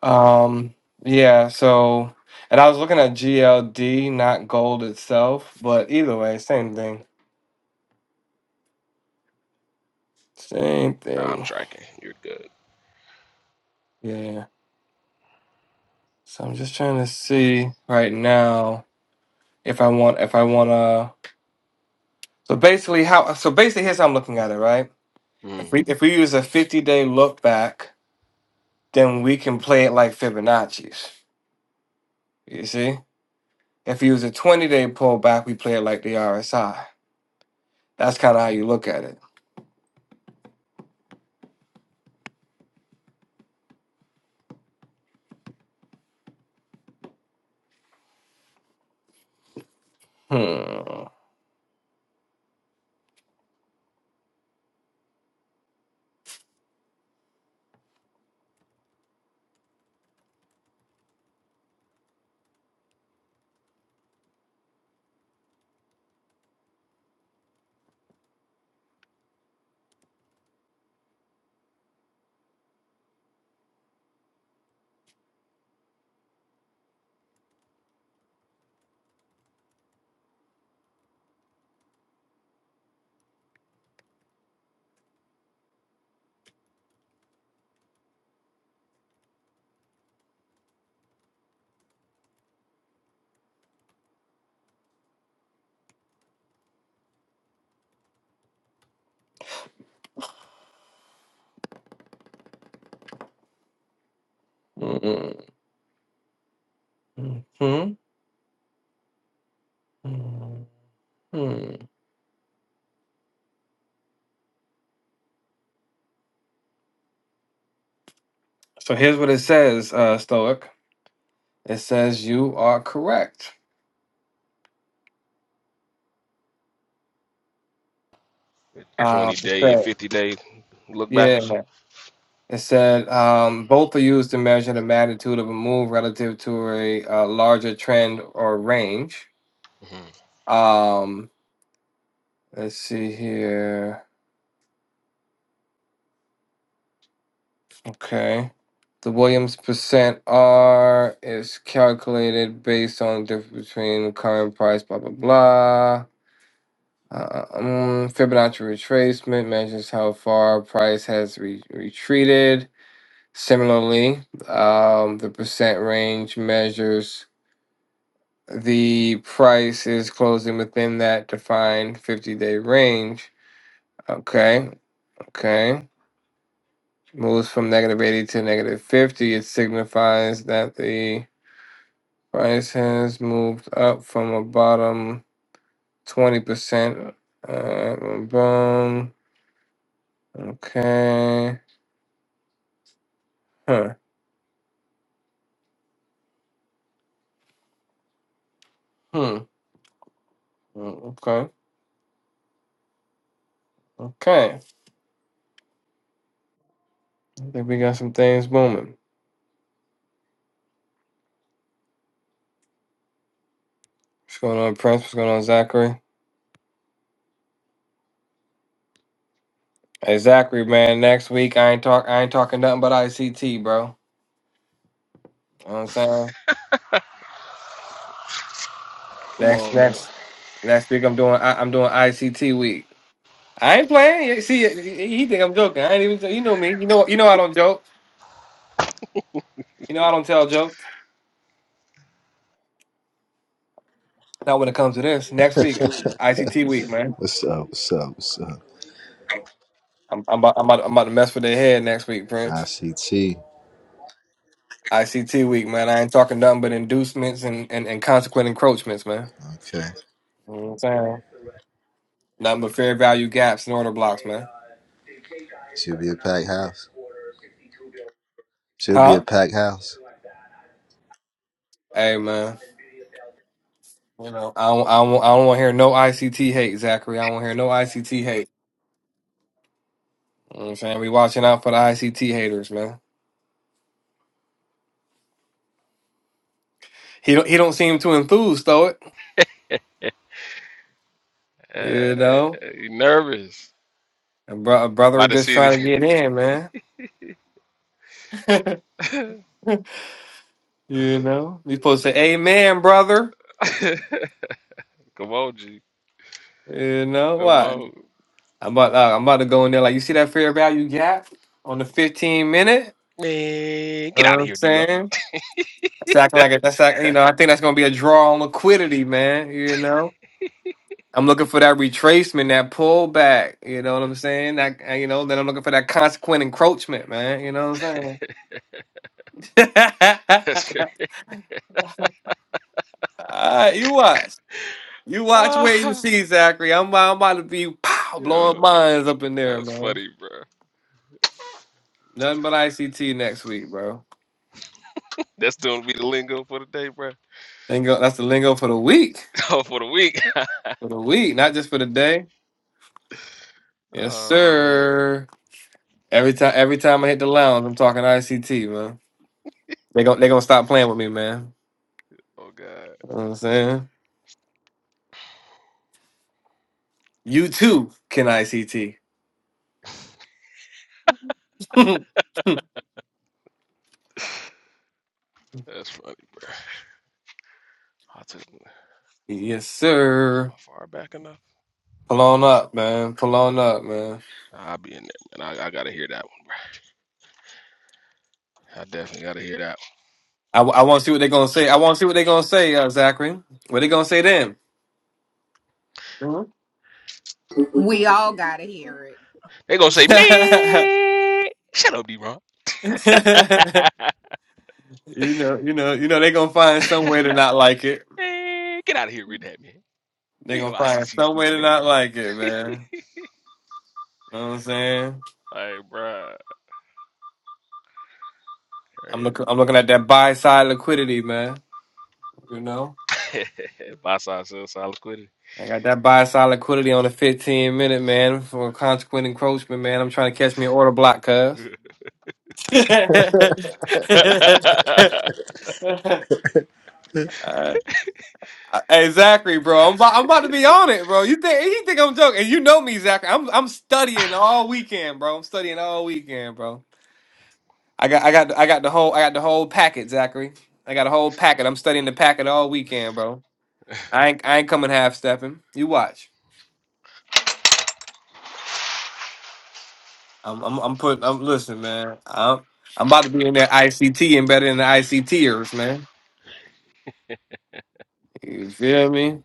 Speaker 1: Um, yeah. So, and I was looking at GLD, not gold itself, but either way, same thing. Same
Speaker 3: Now I'm
Speaker 1: thing.
Speaker 3: tracking. You're good.
Speaker 1: Yeah. So I'm just trying to see right now if I want if I want to. So basically, how? So basically, here's how I'm looking at it, right? If
Speaker 3: Mm.
Speaker 1: we if we use a 50 day look back, then we can play it like Fibonacci's. You see? If you use a 20 day pullback, we play it like the RSI. That's kind of how you look at it. Hmm. Mm-mm. Hmm. Hmm. Hmm. So here's what it says, uh, Stoic. It says you are correct.
Speaker 3: 20
Speaker 1: Um, it
Speaker 3: day and
Speaker 1: said-
Speaker 3: 50 day look backs.
Speaker 1: yeah. It said um, both are used to measure the magnitude of a move relative to a, uh larger trend or range.
Speaker 3: hmm
Speaker 1: Um, Let's see here. Okay. The Williams percent R is calculated based on the difference between the current price, blah, blah, blah. Uh, um, Fibonacci retracement measures how far price has re- retreated. Similarly, um, the percent range measures the price is closing within that defined 50 day range. Okay, okay. moves from negative 80 to negative 50, it signifies that the price has moved up from a bottom 20%. Uh, boom. Okay. Huh. Hmm. Mm, Okay. Okay. I think we got some things booming. What's going on, Prince? What's going on, Zachary? Hey, Zachary, man. Next week, I ain't talk. I ain't talking nothing but ICT, bro. You know what I'm saying?
Speaker 3: Come
Speaker 1: Next,
Speaker 3: on, man.
Speaker 1: next, next week, I'm doing. I, I'm doing ICT week. I ain't playing. You See, yeah, he he think I'm joking. I ain't even. You know me. You know. You know I don't joke. You know I don't tell jokes. Not when it comes to this. Next week, ICT week, man.
Speaker 6: What's up? What's up? What's up?
Speaker 1: I'm I'm about, I'm about, I'm about to mess with their head next week, Prince.
Speaker 6: ICT.
Speaker 1: ICT week, man. I ain't talking nothing but inducements and and, and consequent encroachments, man.
Speaker 6: Okay.
Speaker 1: You know what I'm saying nothing but fair value gaps and order blocks, man.
Speaker 6: Should be a packed house. Should be a
Speaker 1: Huh?
Speaker 6: packed house.
Speaker 1: Hey, man. You know I don't I don't, I don't want to hear no ICT hate, Zachary. I don't want to hear no ICT hate. You know what I'm saying we watching out for the ICT haters, man. He don't he don't seem too enthused though. It
Speaker 3: Uh,
Speaker 1: you know,
Speaker 3: you nervous
Speaker 1: a, bro- a brother
Speaker 3: by the
Speaker 1: just
Speaker 3: city.
Speaker 1: trying to get in, man. you know, you supposed to say, "Amen, brother."
Speaker 3: Come on, G.
Speaker 1: You know
Speaker 3: Come
Speaker 1: what?
Speaker 3: on.
Speaker 1: I'm about uh, I'm about to go in there like you see that fair value gap on the 15 minute.
Speaker 3: Man,
Speaker 1: You
Speaker 3: get
Speaker 1: know
Speaker 3: out
Speaker 1: what
Speaker 3: of
Speaker 1: I'm
Speaker 3: here, Dugo.
Speaker 1: saying that's acting like a, that's act, you know I think that's gonna be a draw on liquidity, man. You know. I'm looking for that retracement, that pullback. You know what I'm saying? That uh, you know, then I'm looking for that consequent encroachment, man. You know what I'm
Speaker 3: That's
Speaker 1: saying?
Speaker 3: good.
Speaker 1: Uh, you watch. You watch, wait and
Speaker 3: Ah,
Speaker 1: see, Zachary. I'm, I'm about to be pow,
Speaker 3: yeah.
Speaker 1: blowing minds up in there,
Speaker 3: That's
Speaker 1: man.
Speaker 3: funny, bro.
Speaker 1: Nothing but ICT next week, bro.
Speaker 3: That's still be the lingo for the day, bro.
Speaker 1: Lingo, that's the lingo for the week.
Speaker 3: Oh, for the week.
Speaker 1: For the week, not just for the day. Yes,
Speaker 3: Oh man.
Speaker 1: sir. Every time every time I hit the lounge, I'm talking ICT, man. They gon' they gonna stop playing with me, man.
Speaker 3: Oh god.
Speaker 1: You know what I'm saying? You too can ICT.
Speaker 3: That's funny. I took am
Speaker 1: yes, sir.
Speaker 3: I far back enough?
Speaker 1: Pull on up, man. Pull on up, man.
Speaker 3: Nah, I'll be in there, man. I, I gotta hear that one, bro. I definitely gotta hear that one.
Speaker 1: I, I want to see what they're gonna say. I want to see what they're gonna say, uh, Zachary. What they gonna say then? Mhm.
Speaker 5: We all gotta hear it.
Speaker 3: They gonna say me. Shut up, D Ron.
Speaker 1: you know, you know, you know, they gonna find some way to not like it.
Speaker 3: man, get out of here with that, man. You
Speaker 1: they
Speaker 3: ain't no
Speaker 1: gonna find
Speaker 3: ICC
Speaker 1: some way
Speaker 3: student,
Speaker 1: to
Speaker 3: man.
Speaker 1: not like it, man. You know what I'm saying?
Speaker 3: Like, bro. Crazy.
Speaker 1: I'm looking, I'm looking at that buy side liquidity, man. You know,
Speaker 3: Buy side, sell side liquidity.
Speaker 1: I got that buy side liquidity on the 15 minute, man, for consequent encroachment, man. I'm trying to catch me an order block, cuz. All right. Uh, Hey bro, I'm about, I'm about to be on it, bro. You think you think I'm joking? And you know me, Zachary. I'm I'm studying all weekend, bro. I'm studying all weekend, bro. I got I got I got the whole I got the whole packet, Zachary. I got a whole packet. I'm studying the packet all weekend, bro. I ain't I ain't coming half stepping. You watch. I'm I'm I'm putting. I'm listen, man. I'm I'm about to be in that ICT and better than the ICTers, man. You feel me?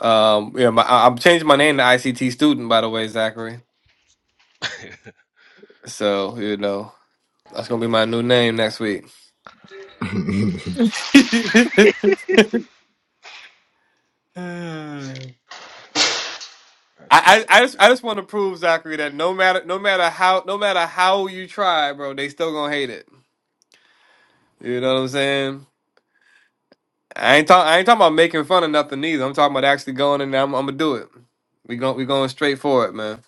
Speaker 1: Um, yeah. My, I- I'm changing my name to ICT student, by the way, Zachary. So you know. That's gonna be my new name next week.
Speaker 3: That's funny.
Speaker 1: I, I, I just I just want to prove Zachary that no matter no matter how no matter how you try, bro, they still gonna hate it. You know what I'm saying? I ain't talk, I ain't talking about making fun of nothing either. I'm talking about actually going in there. I'm, I'm gonna do it. We going we going straight for it, man.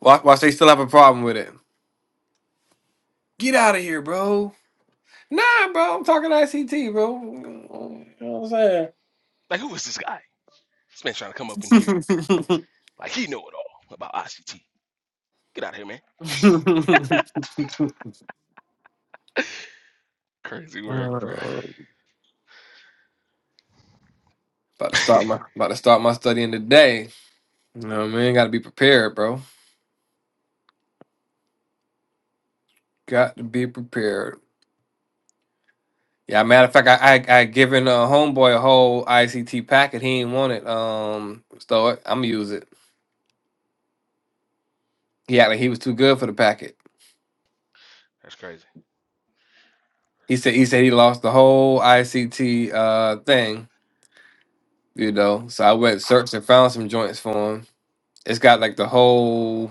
Speaker 1: Watch watch they still have a problem with it. Get out of here, bro. Nah, bro. I'm talking ICT, bro. You know what
Speaker 3: Like, who is this guy? This man trying to come up in here like he know it all about ICT. Get out of here, man.
Speaker 1: I'm saying?
Speaker 3: Crazy work, bro.
Speaker 1: Oh, About to start my about to start my studying today. You know what I mean? Got to be prepared, bro. Got to be prepared. Yeah, matter of fact, I I, I given a homeboy a whole ICT packet. He ain't want it. Um, so I'm gonna use it. He acted like he was too good for the packet.
Speaker 3: That's crazy.
Speaker 1: He said he said he lost the whole ICT uh thing. You know, so I went searched and found some joints for him. It's got like the whole.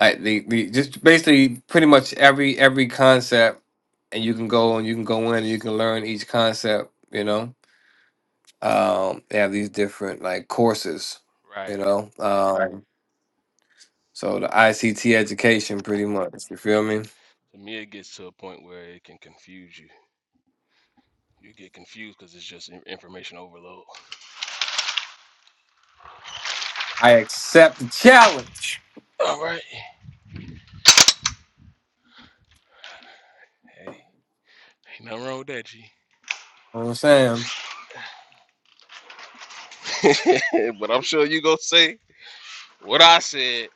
Speaker 1: Like the, the just basically pretty much every every concept, and you can go and you can go in and you can learn each concept. You know, um, they have these different like courses.
Speaker 3: Right.
Speaker 1: You know, um, Right. so the ICT education, pretty much. You feel me?
Speaker 3: To me, it gets to a point where it can confuse you. You get confused because it's just in- information overload.
Speaker 1: I accept the challenge.
Speaker 3: All right. Hey, ain't nothing wrong with that, G.
Speaker 1: You know what I'm saying,
Speaker 3: but I'm sure you gonna say what I said.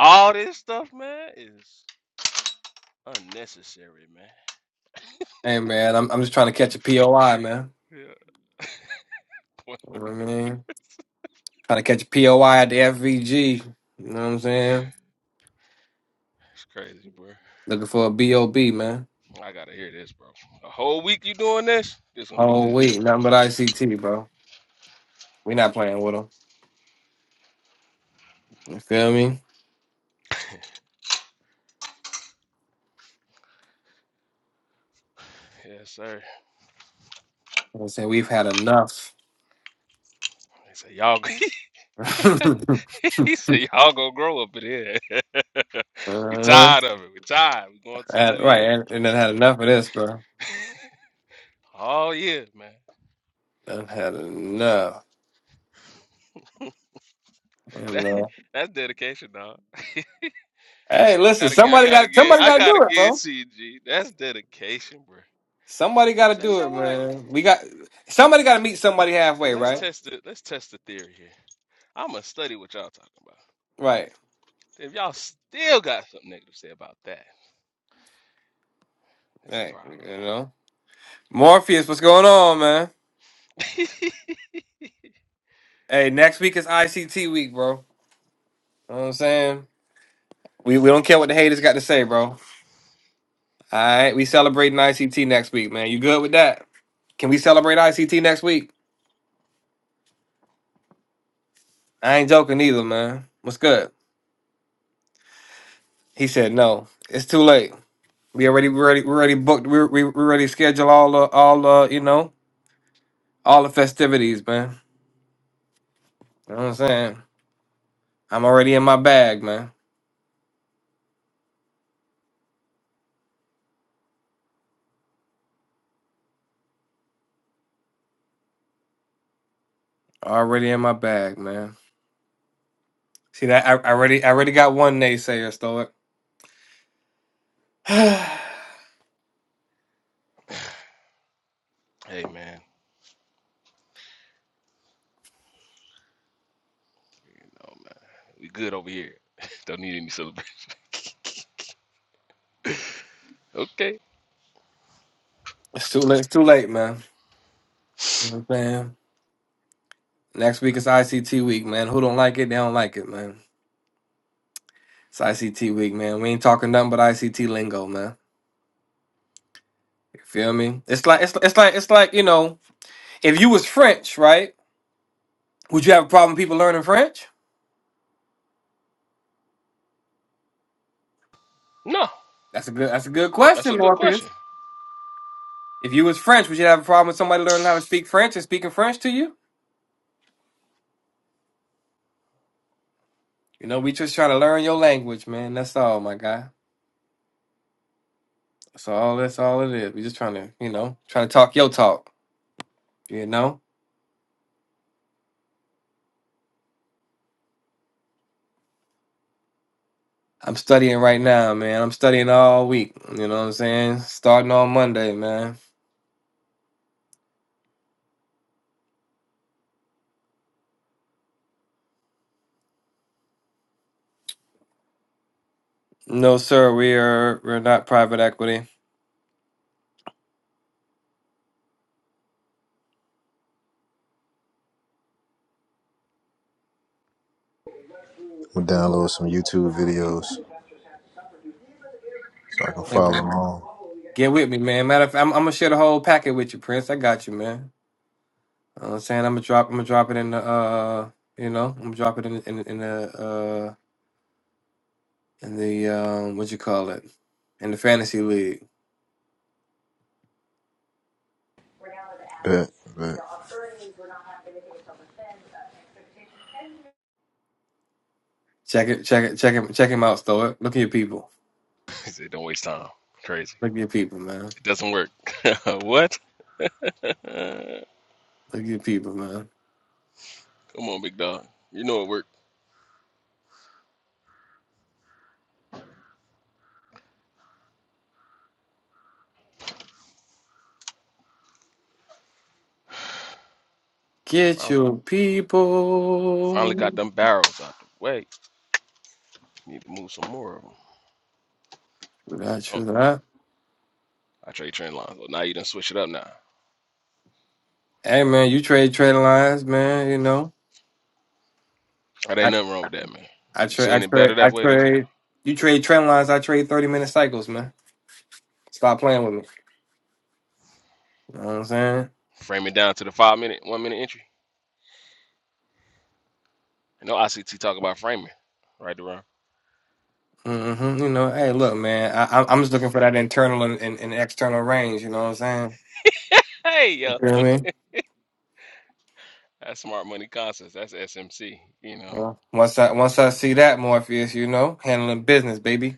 Speaker 3: All this stuff, man, is unnecessary, man.
Speaker 1: hey man, I'm I'm just trying to catch a POI, man.
Speaker 3: Yeah.
Speaker 1: You know what I mean, trying to catch a POI at the FVG. You know what I'm saying?
Speaker 3: It's crazy, bro.
Speaker 1: Looking for a BOB, man.
Speaker 3: I gotta hear this, bro. A whole week you doing this? This gonna be
Speaker 1: Oh
Speaker 3: good.
Speaker 1: wait, nothing but ICT, bro. we not playing with them. You feel me?
Speaker 3: Yes, sir.
Speaker 1: I said we've had enough.
Speaker 3: He said, y'all,
Speaker 1: uh-huh.
Speaker 3: he said, y'all gonna grow up in here. we tired of it. We tired. We going to the New
Speaker 1: Had- right,
Speaker 3: Year.
Speaker 1: and, and then had enough of this, bro.
Speaker 3: All year, man.
Speaker 1: Done had enough. You
Speaker 3: That,
Speaker 1: know.
Speaker 3: that's dedication, dog.
Speaker 1: Hey,
Speaker 3: I
Speaker 1: listen,
Speaker 3: gotta get. I
Speaker 1: somebody
Speaker 3: gotta
Speaker 1: got
Speaker 3: get.
Speaker 1: somebody
Speaker 3: I
Speaker 1: got to
Speaker 3: gotta
Speaker 1: do it,
Speaker 3: get
Speaker 1: bro.
Speaker 3: CG. That's dedication, bro.
Speaker 1: Somebody got to
Speaker 3: Say, you
Speaker 1: do
Speaker 3: know
Speaker 1: it,
Speaker 3: what?
Speaker 1: man. We got somebody got to meet somebody
Speaker 3: Say,
Speaker 1: halfway,
Speaker 3: let's
Speaker 1: right?
Speaker 3: test it. Let's test the theory here. I'm gonna study what y'all talking about.
Speaker 1: Right.
Speaker 3: If y'all still got something negative to say about that, that's a
Speaker 1: Hey,
Speaker 3: problem,
Speaker 1: you know. Morpheus, what's going on, man?
Speaker 3: man.
Speaker 1: Hey, next week is ICT week, bro. You know what I'm saying? We we don't care what the haters got to say, bro. All right, we celebrating ICT next week, man. You good with that? Can we celebrate ICT next week? I ain't joking either, man. What's good? He said no. It's too late. We already we already we already booked. We we, we already scheduled all the all the you know all the festivities, man. You know what I'm saying? I'm already in my bag, man. Already in my bag, man. See that? I, I already I already got one naysayer, Stoic. it's
Speaker 3: hey, man. You know, man. We good over here. Don't need any celebration. Okay.
Speaker 1: too late. It's too late, man. You know what I'm saying? Next week is ICT week, man. Who don't like it, they don't like it, man. It's ICT week, man. We ain't talking nothing but ICT lingo, man. You feel me? It's like it's it's like it's like you know, if you was French, right? Would you have a problem with people learning French?
Speaker 3: No,
Speaker 1: That's a good that's a good
Speaker 3: That's
Speaker 1: question,
Speaker 3: a good
Speaker 1: Morphe.
Speaker 3: question.
Speaker 1: If you was French, would you have a problem with somebody learning how to speak French and speaking French to you? You know, we just trying to learn your language, man. That's all, my guy. That's all. That's all it is. We just trying to, you know, trying to talk your talk. You know, I'm studying right now, man. I'm studying all week. You know what I'm saying? Starting on Monday, man. No, sir. We are we're not private equity.
Speaker 6: We'll download some YouTube videos so I can
Speaker 1: Hey,
Speaker 6: follow
Speaker 1: man.
Speaker 6: along.
Speaker 1: Get with me, man. Matter of fact, I'm, I'm gonna share the whole packet with you, Prince. I got you, man. You know what I'm saying I'm gonna drop. I'm gonna drop it in the. Uh, you know, I'm gonna drop it in in, in the uh in the um what you call it in the fantasy league.
Speaker 6: Bet,
Speaker 1: Check it. Check it. Check him. Check him out, Stoic. Look at your people.
Speaker 3: He said, don't waste time. Crazy.
Speaker 1: Look at your people, man.
Speaker 3: It doesn't work. what? Come
Speaker 1: Look at your people, man.
Speaker 3: on, big dog. You know it worked. I
Speaker 1: Get
Speaker 3: found 'em.
Speaker 1: your
Speaker 3: Finally got
Speaker 1: people.
Speaker 3: them barrels out the way. Need to move some more of them.
Speaker 1: True that.
Speaker 3: Don't
Speaker 1: True that.
Speaker 3: I trade trend lines. Well, now you done switch it up now.
Speaker 1: Hey, man. You trade trade lines, man. You know.
Speaker 3: That ain't nothing wrong with that, man.
Speaker 1: I
Speaker 3: If you
Speaker 1: trade. I
Speaker 3: seeing it better
Speaker 1: trade. I
Speaker 3: that way, that's fine.
Speaker 1: trade. You trade trend lines. I trade thirty minute cycles, man. Stop playing with me. You know what I'm saying?
Speaker 3: Frame it down to the five minute, one minute entry. I know ICT talk about framing. Right around.
Speaker 1: hmm You know, hey, look, man. I, I'm I'm just looking for that internal and, and, and external range. You know what I'm saying?
Speaker 3: Hey,
Speaker 1: You
Speaker 3: yo.
Speaker 1: feel me?
Speaker 3: That's smart money concepts. That's SMC. You know,
Speaker 1: Yeah. Once I once I see that Morpheus, you know, handling business, baby.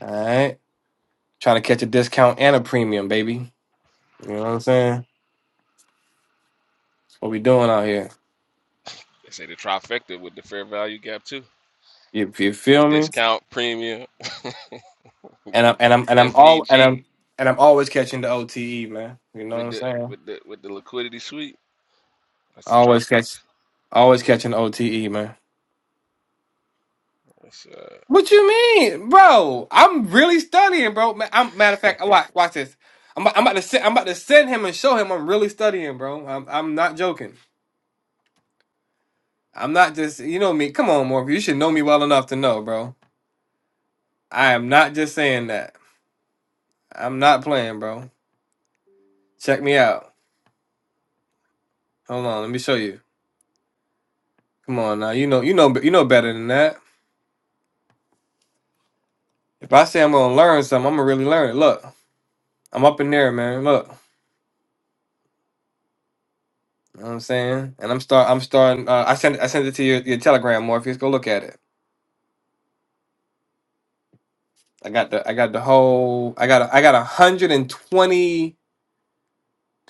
Speaker 1: All right, trying to catch a discount and a premium, baby. You know what I'm saying? what we doing out here?
Speaker 3: they say the trifecta with the fair value gap, too.
Speaker 1: You, you feel
Speaker 3: Said
Speaker 1: me?
Speaker 3: discount premium
Speaker 1: And I'm and I'm and I'm all and
Speaker 3: FVG
Speaker 1: I'm and I'm always catching the OTE, man. You know what
Speaker 3: with
Speaker 1: I'm
Speaker 3: the
Speaker 1: saying?
Speaker 3: with the with the liquidity suite. That's the
Speaker 1: Always catch.
Speaker 3: trifecta.
Speaker 1: Always catching OTE, man.
Speaker 3: That's, uh,
Speaker 1: What you mean, bro? I'm really studying, bro. Ma- I'm, matter of fact, watch, watch this. I'm, about- I'm about to send, I'm about to send him and show him I'm really studying, bro. I'm, I'm not joking. I'm not just, you know me. Come on, Morphe. You should know me well enough to know, bro. I am not just saying that. I'm not playing, bro. Check me out. Hold on, let me show you. Come on now, you know, you know, you know better than that. If I say I'm gonna learn something, I'm gonna really learn it. Look, I'm up in there, man. Look. You know what I'm saying? And I'm start I'm starting uh, I sent I sent it to your, your telegram, Morpheus. Go look at it. I got the I got the whole I got a, I got a hundred and twenty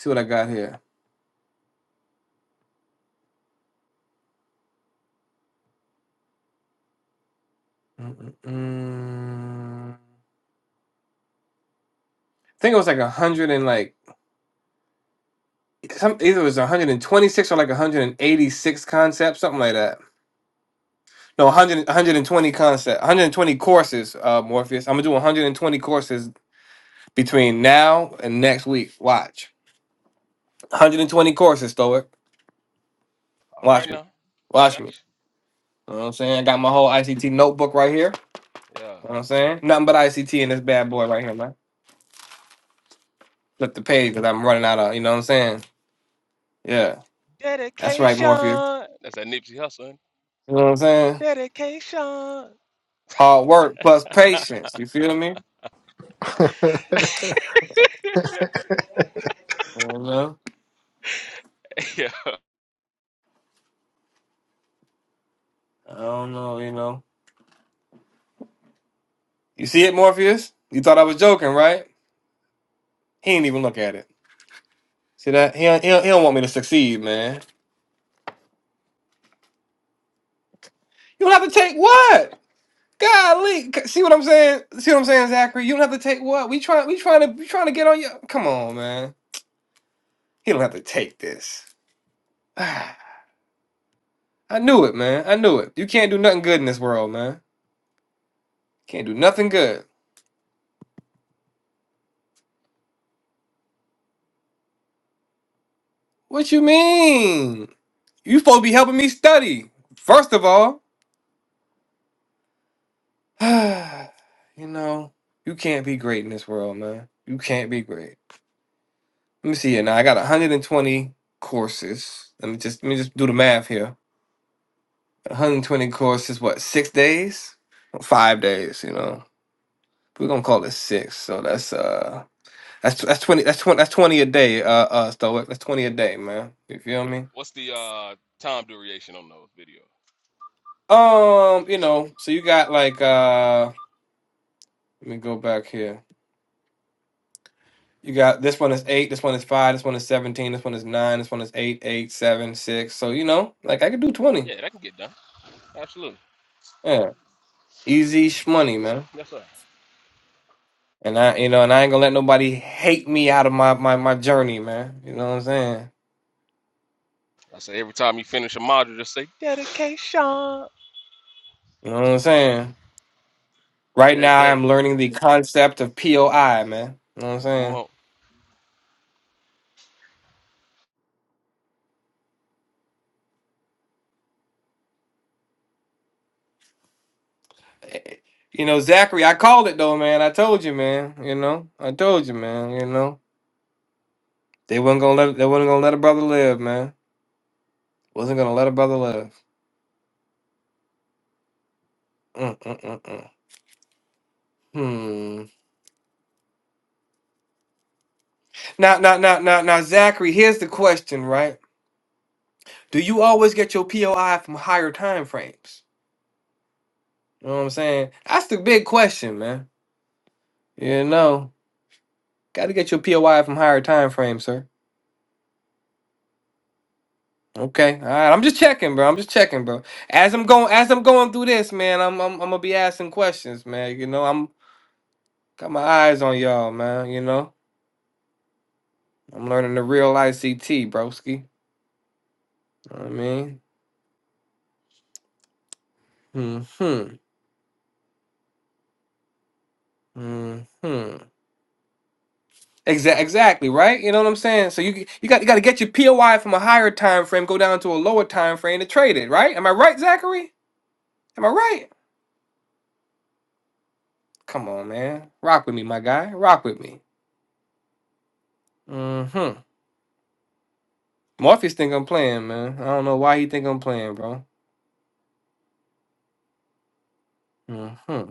Speaker 1: see what I got here. Mm-mm-mm. I think it was like a hundred and like some either it was 126 or like 186 concepts, something like that. No, 100, 120 concept, 120 courses, uh, Morpheus. I'm gonna do 120 courses between now and next week. Watch. 120 courses, Stoic.
Speaker 3: all right
Speaker 1: Watch me.
Speaker 3: now, I
Speaker 1: Watch
Speaker 3: got
Speaker 1: me. You know what I'm saying? I got my whole ICT notebook right here. You
Speaker 3: you. Yeah.
Speaker 1: know what I'm saying? Nothing but ICT in this bad boy right here, man. Flip the page because I'm running out of, you know what I'm saying? Yeah. That's right,
Speaker 3: Dedication.
Speaker 1: Morpheus.
Speaker 3: That's that Nipsey Hussle.
Speaker 1: You know what I'm saying?
Speaker 3: Dedication.
Speaker 1: Hard work plus patience. You feel me? I
Speaker 6: bet.
Speaker 1: don't know.
Speaker 3: yeah.
Speaker 1: I don't know, you know. You see it, Morpheus? You thought I was joking, right? He didn't even look at it. See that? He don't, he don't, he don't want me to succeed, man. You don't have to take what? Golly, c- see what I'm saying? See what I'm saying, Zachary? You don't have to take what? We trying, we trying to, we trying to get on you. Come on, man. He don't have to take this. I knew it, man. I knew it. You can't do nothing good in this world, man. Can't do nothing good. What you mean? You supposed to be helping me study. First of all, you know, you can't be great in this world, man. You can't be great. Let me see here. Now I got 120 courses. Let me just let me just do the math here. 120 courses, what, six days? Five days, you know. We're gonna call it six. So that's uh That's that's twenty. That's twenty. That's twenty a day. Uh, uh, Stoic. That's twenty a day, man. You feel me?
Speaker 3: What's the uh time duration on those videos?
Speaker 1: Um, you know. So you got like uh. Let me go back here. You got this one is eight. This one is five. This one is seventeen. This one is nine. This one is eight, eight, seven, six. So you know, like I could do twenty.
Speaker 3: Yeah, that can get done. Absolutely.
Speaker 1: Yeah, easy shmoney, man.
Speaker 3: Yes, sir.
Speaker 1: And I, you know, and I ain't gonna let nobody hate me out of my my my journey, man. You know what I'm saying?
Speaker 3: I say every time you finish a module, just say dedication
Speaker 1: You know what I'm saying? Right
Speaker 3: every
Speaker 1: now, I
Speaker 3: day.
Speaker 1: am learning the concept of POI, man. You know what I'm
Speaker 3: Come
Speaker 1: saying?
Speaker 3: on.
Speaker 1: You know, Zachary, I called it though, man. I told you, man. You know, I told you, man. You know, they wasn't gonna let they wasn't gonna let a brother live, man. Wasn't gonna let a brother live. Mm, mm, mm, mm. Hmm. Now, now, now, now, now, Zachary, here's the question, right? Do you always get your POI from higher time frames? You know what I'm saying? That's the big question, man. You know, got to get your POI from higher time frames, sir. Okay, all right. I'm just checking, bro. I'm just checking, bro. As I'm going, as I'm going through this, man, I'm I'm, I'm gonna be asking questions, man. You know, I'm got my eyes on y'all, man. You know, I'm learning the real ICT, broski. Know what I mean, hmm, hmm. Exactly, exactly, right? You know what I'm saying? So you g- you got you got to get your POI from a higher time frame, go down to a lower time frame to trade it, right? Am I right, Zachary? Am I right? Come on, man. Rock with me, my guy. Rock with me. hmm Morpheus think I'm playing, man. I don't know why he think I'm playing, bro. Mm-hmm.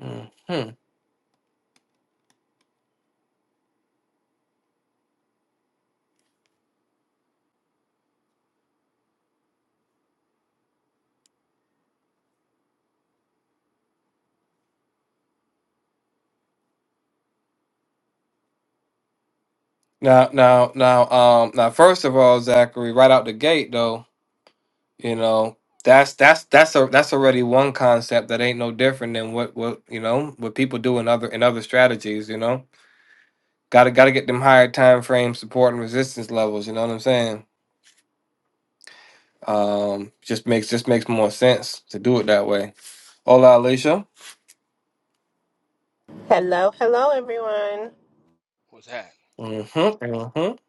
Speaker 1: hmm Now, now, now, um, now. First of all, Zachary, right out the gate, though, you know, that's that's that's a that's already one concept that ain't no different than what what you know what people do in other in other strategies. You know, gotta gotta get them higher time frame support and resistance levels. You know what I'm saying? Um, just makes just makes more sense to do it that way. Hola, Alicia.
Speaker 7: Hello, hello, everyone.
Speaker 3: What's that?
Speaker 1: Mm-hmm. Mm-hmm.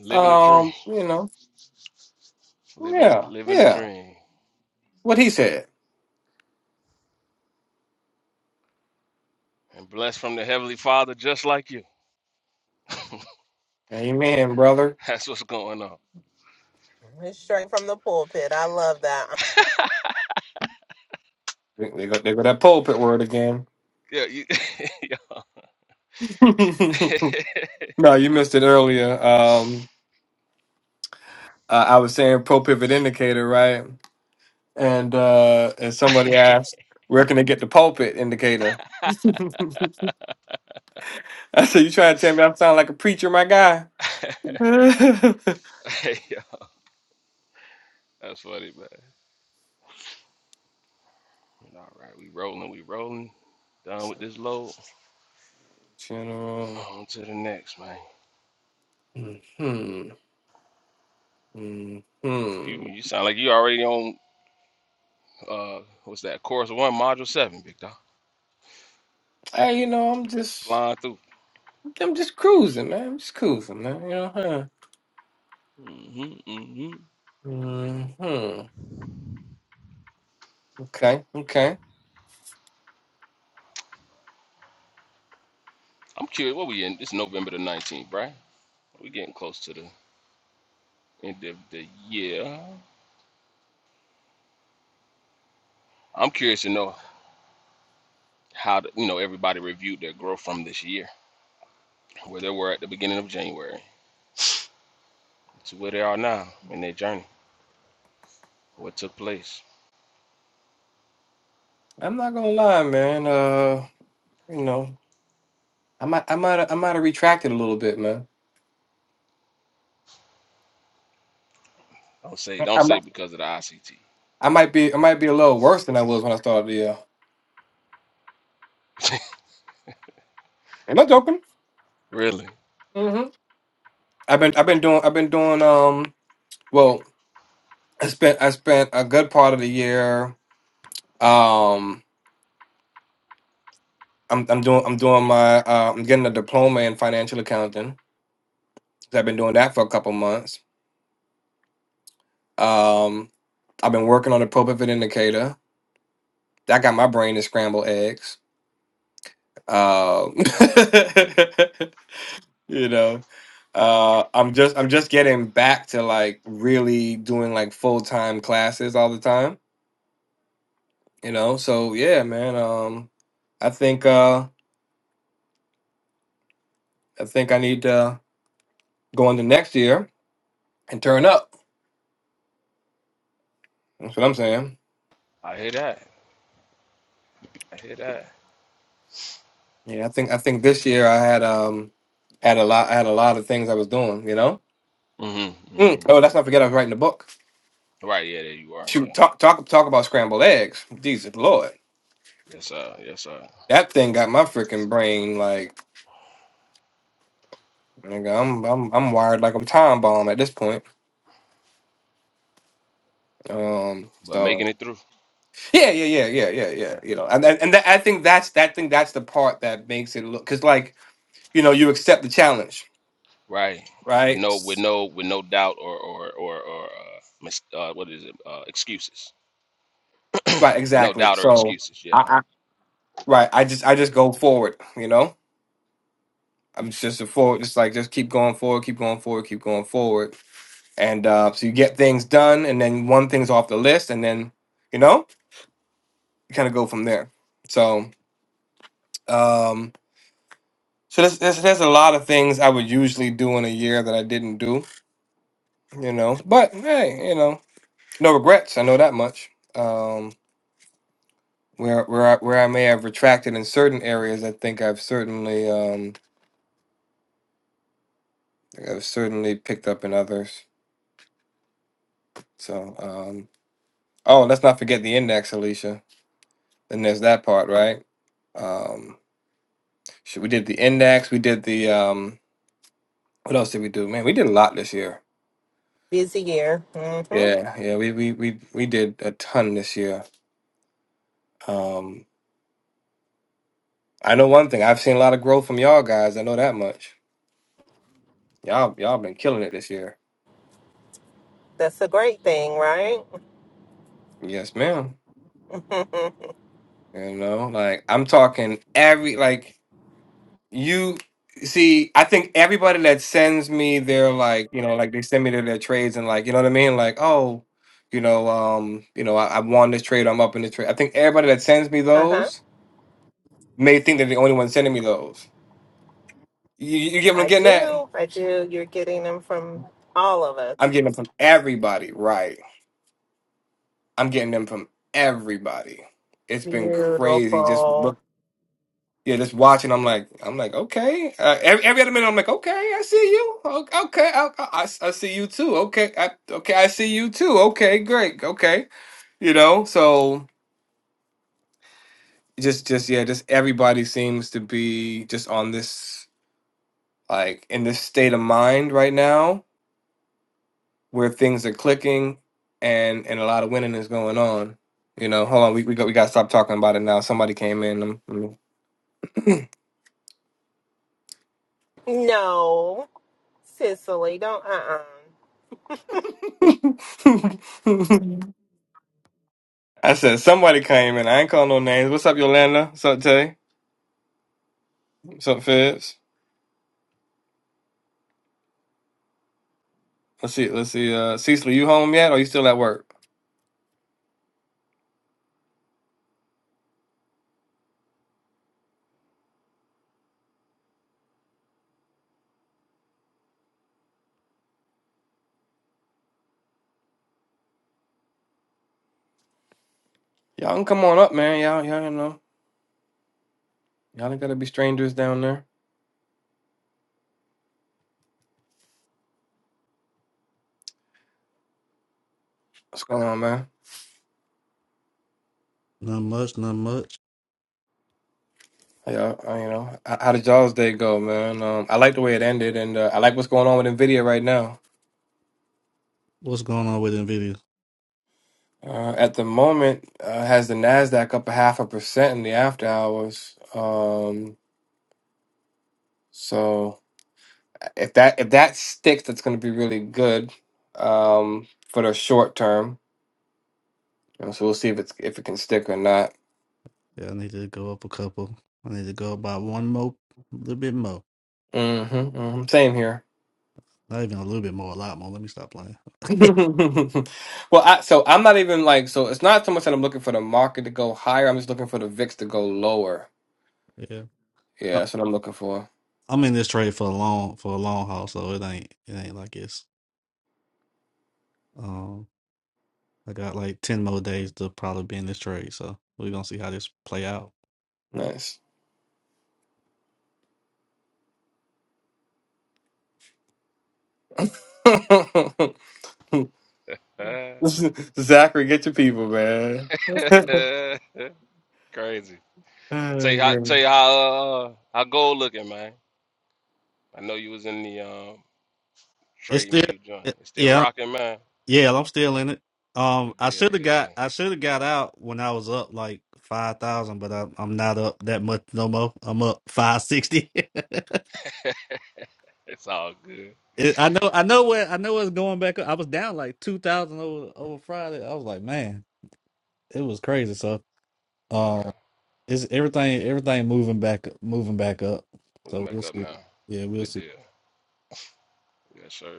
Speaker 3: Living a dream.
Speaker 1: Um, you know.
Speaker 3: Living a
Speaker 1: Yeah,
Speaker 3: living a
Speaker 1: yeah.
Speaker 3: dream.
Speaker 1: What he said.
Speaker 3: and blessed from the Heavenly Father just like you.
Speaker 1: Amen, brother.
Speaker 3: That's what's going on.
Speaker 7: It's straight from the pulpit. I love that.
Speaker 1: They they go, they go that pulpit word again.
Speaker 3: Yeah, you, yeah.
Speaker 1: no, you missed it earlier. Um, I, I was saying pro pivot indicator, right? And uh, and somebody asked, where can they get the pulpit indicator? I said, you trying to tell me I sound like a preacher, my guy?
Speaker 3: Hey, yo, that's funny, man. All right, we rolling, we rolling. Done with
Speaker 1: So,
Speaker 3: this load.
Speaker 1: General.
Speaker 3: On to the next, man.
Speaker 1: Hmm. Hmm.
Speaker 3: You,
Speaker 1: Hmm.
Speaker 3: you sound like you already on, uh, what's that, Course 1, Module 7, Big Dog.
Speaker 1: Hey, you know, I'm just,
Speaker 3: Flying through.
Speaker 1: I'm just cruising, man. I'm just cruising, man. You know, huh?
Speaker 3: Mm hmm Mm hmm
Speaker 1: Hmm. Okay. Okay.
Speaker 3: I'm curious, what we in? It's November the 19th, right? We getting close to the end of the year. I'm curious to know how you know everybody reviewed their growth from this year, where they were at the beginning of January to where they are now in their journey, what took place.
Speaker 1: I'm not gonna lie, man. Uh, you know, I might, I might, I might have retracted a little bit, man.
Speaker 3: Don't say don't
Speaker 1: I
Speaker 3: say
Speaker 1: might,
Speaker 3: because of the ICT.
Speaker 1: I might be, I might be a little worse than I was when I started the year. Am I joking?
Speaker 3: Really,
Speaker 1: Mm-hmm. I've been, I've been doing, I've been doing. Um, well, I spent, I spent a good part of the year. Um, I'm, I'm doing, I'm doing my, uh, I'm getting a diploma in financial accounting. So I've been doing that for a couple months. Um, I've been working on the ProPivot indicator. I got my brain to scramble eggs. Um, you know, uh, I'm just I'm just getting back to like really doing like full time classes all the time. You know, so yeah, man. Um, I think uh, I think I need to go into next year and turn up. That's what I'm saying.
Speaker 3: I hear that. I hear that.
Speaker 1: Yeah, I think I think this year I had um had a lot I had a lot of things I was doing. You know.
Speaker 3: Mhm.
Speaker 1: Mm.
Speaker 3: Mhm.
Speaker 1: Oh, let's not forget I was writing a book.
Speaker 3: Right. Yeah. There you are.
Speaker 1: Shoot,
Speaker 3: Yeah.
Speaker 1: talk talk talk about scrambled eggs. Jesus Lord.
Speaker 3: Yes. Uh. Yes. Sir.
Speaker 1: That thing got my freaking brain like nigga, I'm I'm I'm wired like a time bomb at this point. Um
Speaker 3: But
Speaker 1: so
Speaker 3: making it through.
Speaker 1: yeah, yeah, yeah, yeah, yeah, yeah.
Speaker 3: Yeah.
Speaker 1: You know, and and, and that, I think that's that thing that's the part that makes it look because like you know you accept the challenge,
Speaker 3: Right. With
Speaker 1: right?
Speaker 3: no. With
Speaker 1: S-
Speaker 3: no. With no doubt or or or or uh, mis- uh what is it? Uh, excuses.
Speaker 1: Right,
Speaker 3: With no
Speaker 1: exactly.
Speaker 3: doubt or
Speaker 1: So
Speaker 3: excuses.
Speaker 1: I,
Speaker 3: Yeah.
Speaker 1: I right, I just I just go forward. You know, I'm just a forward, just like just keep going forward, keep going forward, keep going forward, and uh, so you get things done, and then one thing's off the list, and then you know you kind of go from there. So. Um, so there's, there's there's a lot of things I would usually do in a year that I didn't do, you know. But hey, you know, no regrets. I know that much. Um, where where I, where I may have retracted in certain areas, I think I've certainly um, I've certainly picked up in others. So um, oh, let's not forget the index, Alicia. Then there's that part, right? Um, shit, we did the index. We did the um, what else did we do? Man, we did a lot this year.
Speaker 7: Busy year. hmm
Speaker 1: Yeah, yeah, we we we we did a ton this year. Um, I know one thing. I've seen a lot of growth from y'all guys. I know that much. Y'all, y'all been killing it this year.
Speaker 7: That's a great thing, right?
Speaker 1: Yes, ma'am.
Speaker 7: uh
Speaker 1: You know, like I'm talking every like you see. I think everybody that sends me their like you know like they send me their, their trades and like you know what I mean. Like oh, you know um you know I, I won this trade. I'm up in the trade. I think everybody that sends me
Speaker 7: huh.
Speaker 1: those may think they're the only one sending me those. You, you get what I'm
Speaker 7: I
Speaker 1: getting at?
Speaker 7: do. I do. You're getting them from all of
Speaker 1: I'm
Speaker 7: us.
Speaker 1: getting them from everybody, right? I'm getting them from everybody. It's been crazy. Just
Speaker 7: Beautiful.
Speaker 1: look, yeah, just watching. I'm like, I'm like, okay. Uh, every, every other minute, I'm like, okay, I see you. O- Okay, I, I, I s- I see you too. Okay, I, okay, I see you too. Okay, great. Okay, you know. So just, just yeah, just everybody seems to be just on this like in this state of mind right now where things are clicking and and a lot of winning is going on. You know, hold on, we we got we got to stop talking about it now. Somebody came in.
Speaker 7: No, Cicely, don't. Uh uh
Speaker 1: I said somebody came in. I ain't calling no names. What's up, Yolanda? What's up, Tay? What's up, Fibs? Let's see. Let's see. Uh, Cecil, you home yet? Or you still at work? Y'all can come on up, man. Y'all, y'all, you know, y'all ain't gotta be strangers down there. What's going on, man?
Speaker 8: Not much, not much.
Speaker 1: How Y'all, uh, you know, how how did y'all's day go, man? Um, I like the way it ended, and uh, I like what's going on with Nvidia right now.
Speaker 8: What's going on with Nvidia?
Speaker 1: Uh, at the moment, uh, has the Nasdaq up a half a percent in the after hours. Um, so. If that if that sticks, that's going to be really good um, for the short term. You know, so we'll see if it's if it can stick or not.
Speaker 8: Yeah, I need to go up a couple. I need to go up by one more, a little bit more.
Speaker 1: Mm-hmm, hmm Same here.
Speaker 8: Not even a little bit more, a lot more. Let me stop playing.
Speaker 1: well, I, so I'm not even like so. It's not so much that I'm looking for the market to go higher. I'm just looking for the VIX to go lower.
Speaker 8: yeah,
Speaker 1: Yeah,
Speaker 8: I,
Speaker 1: that's what I'm looking for.
Speaker 8: I'm in this trade for a long for a long haul, so it ain't it ain't like it's. Um, I got like ten more days to probably be in this trade, so we're gonna see how this play out.
Speaker 1: Nice. Zachary, get your people, man.
Speaker 3: Uh, crazy. I tell you how
Speaker 1: Okay.
Speaker 3: tell you how uh, how gold looking, man. I know you was in the um
Speaker 8: It's
Speaker 3: trading
Speaker 8: still,
Speaker 3: view joint.
Speaker 8: it,
Speaker 3: It's still
Speaker 8: yeah,
Speaker 3: rocking, man.
Speaker 8: Yeah, I'm still in it. Um,
Speaker 3: Good
Speaker 8: I
Speaker 3: deal,
Speaker 8: should have
Speaker 3: good
Speaker 8: got
Speaker 3: deal.
Speaker 8: I should have got out when I was up like five thousand, but I'm I'm not up that much no more. I'm up five sixty.
Speaker 3: It's all good.
Speaker 8: It, I know I know where I know it's going back up. I was down like two thousand over over Friday. I was like, man, it was crazy. So,
Speaker 3: Yeah.
Speaker 8: um, it's everything everything moving back moving back up.
Speaker 3: Move
Speaker 8: So
Speaker 3: back
Speaker 8: we'll
Speaker 3: up
Speaker 8: see.
Speaker 3: now.
Speaker 8: Yeah, we'll
Speaker 3: Good
Speaker 8: see.
Speaker 3: deal. Yes, sir.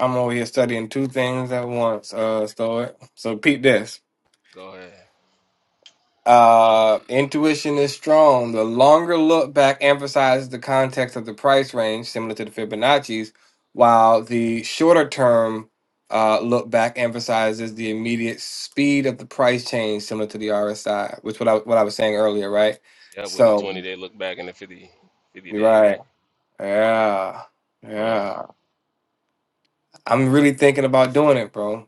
Speaker 1: I'm over here studying two things at once. Uh, so so peep this.
Speaker 3: Go ahead.
Speaker 1: Uh, intuition is strong. The longer look back emphasizes the context of the price range, similar to the Fibonacci's, while the shorter term uh, look back emphasizes the immediate speed of the price change, similar to the RSI, which what I what I was saying earlier, right?
Speaker 3: Yeah, with the 20
Speaker 1: So,
Speaker 3: day look back and the 50 50
Speaker 1: you're
Speaker 3: day,
Speaker 1: right,
Speaker 3: right?
Speaker 1: yeah,
Speaker 3: Hmm.
Speaker 1: yeah. I'm really thinking about doing it, bro,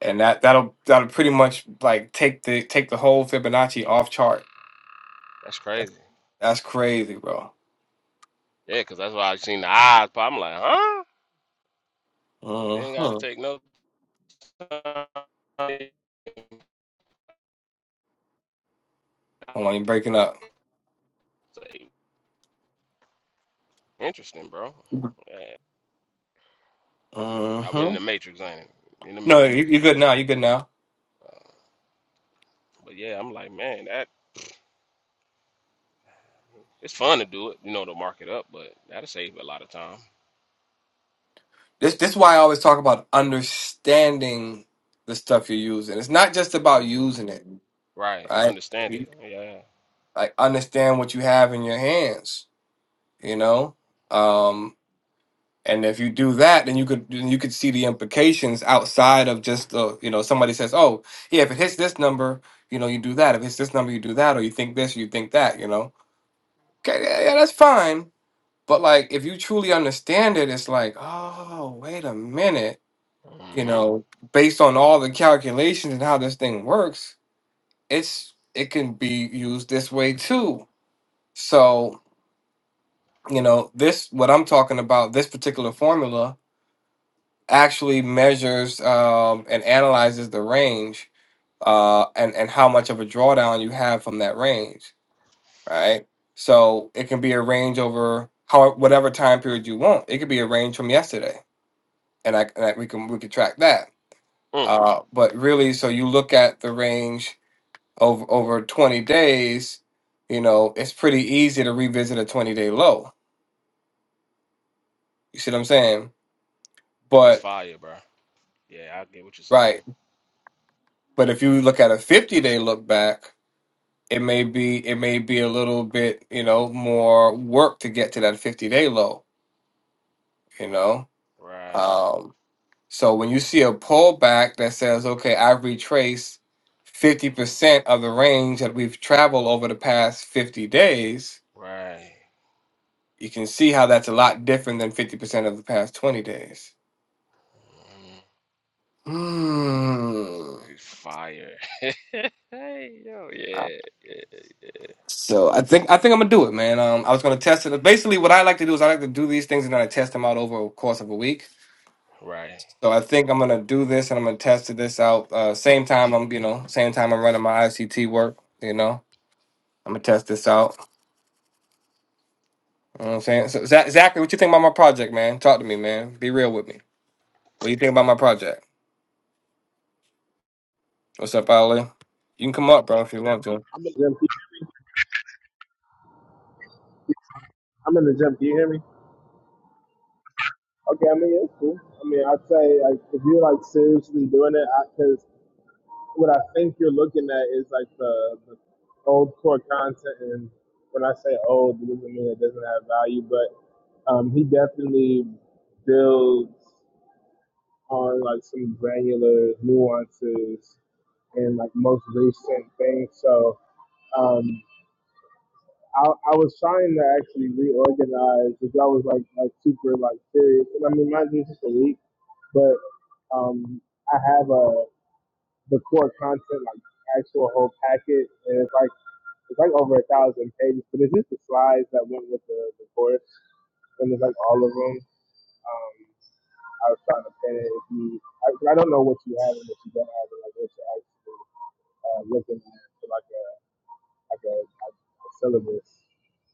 Speaker 1: and that that'll that'll pretty much like take the take the whole Fibonacci off chart.
Speaker 3: That's crazy.
Speaker 1: That's crazy, bro.
Speaker 3: Yeah, 'cause that's why I seen the eyes pop. I'm like, huh? You ain't got
Speaker 1: Mhm.
Speaker 3: to take no time.
Speaker 1: Hold on, you're breaking up.
Speaker 3: Say, Interesting, bro. Yeah. I've been in
Speaker 1: hmm
Speaker 3: the Matrix, ain't it? In the
Speaker 1: No, you,
Speaker 3: Matrix.
Speaker 1: you're good now. You're good now.
Speaker 3: Uh, But yeah, I'm like, man, that it's fun to do it, you know, to mark it up, but that'll save a lot of time.
Speaker 1: This this is why I always talk about understanding the stuff you're using. It's not just about
Speaker 3: hmm
Speaker 1: using it,
Speaker 3: Right,
Speaker 1: right?
Speaker 3: understand
Speaker 1: You-
Speaker 3: it. Yeah.
Speaker 1: Like understand what you have in your hands, you know. Um, and if you do that, then you could then you could see the implications outside of just the you know somebody says, oh yeah, if it hits this number, you know you do that. If it's this number, you do that, or you think this, or you think that, you know. Okay, yeah, yeah that's fine But like, if you truly understand it, it's like, oh, wait a minute.
Speaker 3: Uh,
Speaker 1: You
Speaker 3: hmm
Speaker 1: know, based on all the calculations and how this thing works, it's it can be used this way too. So, you know, this what I'm talking about, this particular formula actually measures um, and analyzes the range uh, and and how much of a drawdown you have from that range, right? So it can be a range over how whatever time period you want. It could be a range from yesterday and I, and I we can we can track that.
Speaker 3: Mm,
Speaker 1: Uh, but really, so you look at the range over over 20 days, you know, it's pretty easy to revisit a 20 day low. You see what I'm saying?
Speaker 3: that's
Speaker 1: But
Speaker 3: fire, bro. Yeah, I get what you're saying.
Speaker 1: right, but if you look at a 50 day look back, it may be it may be a little bit you know more work to get to that 50 day low. You know,
Speaker 3: Right.
Speaker 1: Um, So when you see a pullback that says, okay, I've retraced
Speaker 3: Yo.
Speaker 1: 50% of the range that we've traveled over the past 50 days,
Speaker 3: Right.
Speaker 1: you can see how that's a lot different than 50% of the past 20 days.
Speaker 3: hmm
Speaker 1: Hmm.
Speaker 3: This is fire. hey, yo, yeah, yeah.
Speaker 1: So I think I think I'm gonna do it, man. Um, I was gonna test it. Basically, what I like to do is I like to do these things and then I test them out over a course of a week.
Speaker 3: Right.
Speaker 1: So I think I'm gonna do this and I'm gonna test this out. Uh, same time I'm, you know, same time I'm running my ICT work. You know, I'm gonna test this out. You know what I'm saying? So, Zach, Zachary, what you think about my project, man? Talk to me, man. Be real with me. What do you think about my project? What's up, Ali? You can come up, bro, if you want to.
Speaker 9: I'm in the gym. Can you hear me? I'm in the gym. Can you hear me? Okay, I mean, it's cool. I mean, I'd say like if you're like seriously doing it, because what I think you're looking at is like the, the old core content, and when I say old, it doesn't mean it doesn't have value, but um, he definitely builds on like some granular nuances and like most recent things. So. Um, I, I was trying to actually reorganize because I was like like super like serious. And I mean, mind you, just a week, but um, I have a the core content like actual whole packet, and it's like it's like over a thousand pages. But it's just the slides that went with the, the course, and it's like all of them. Um, I was trying to pin it. If you, I, 'cause I don't know what you have and what you don't have, and like what you're actually uh, looking at, for like a like a, like a syllabus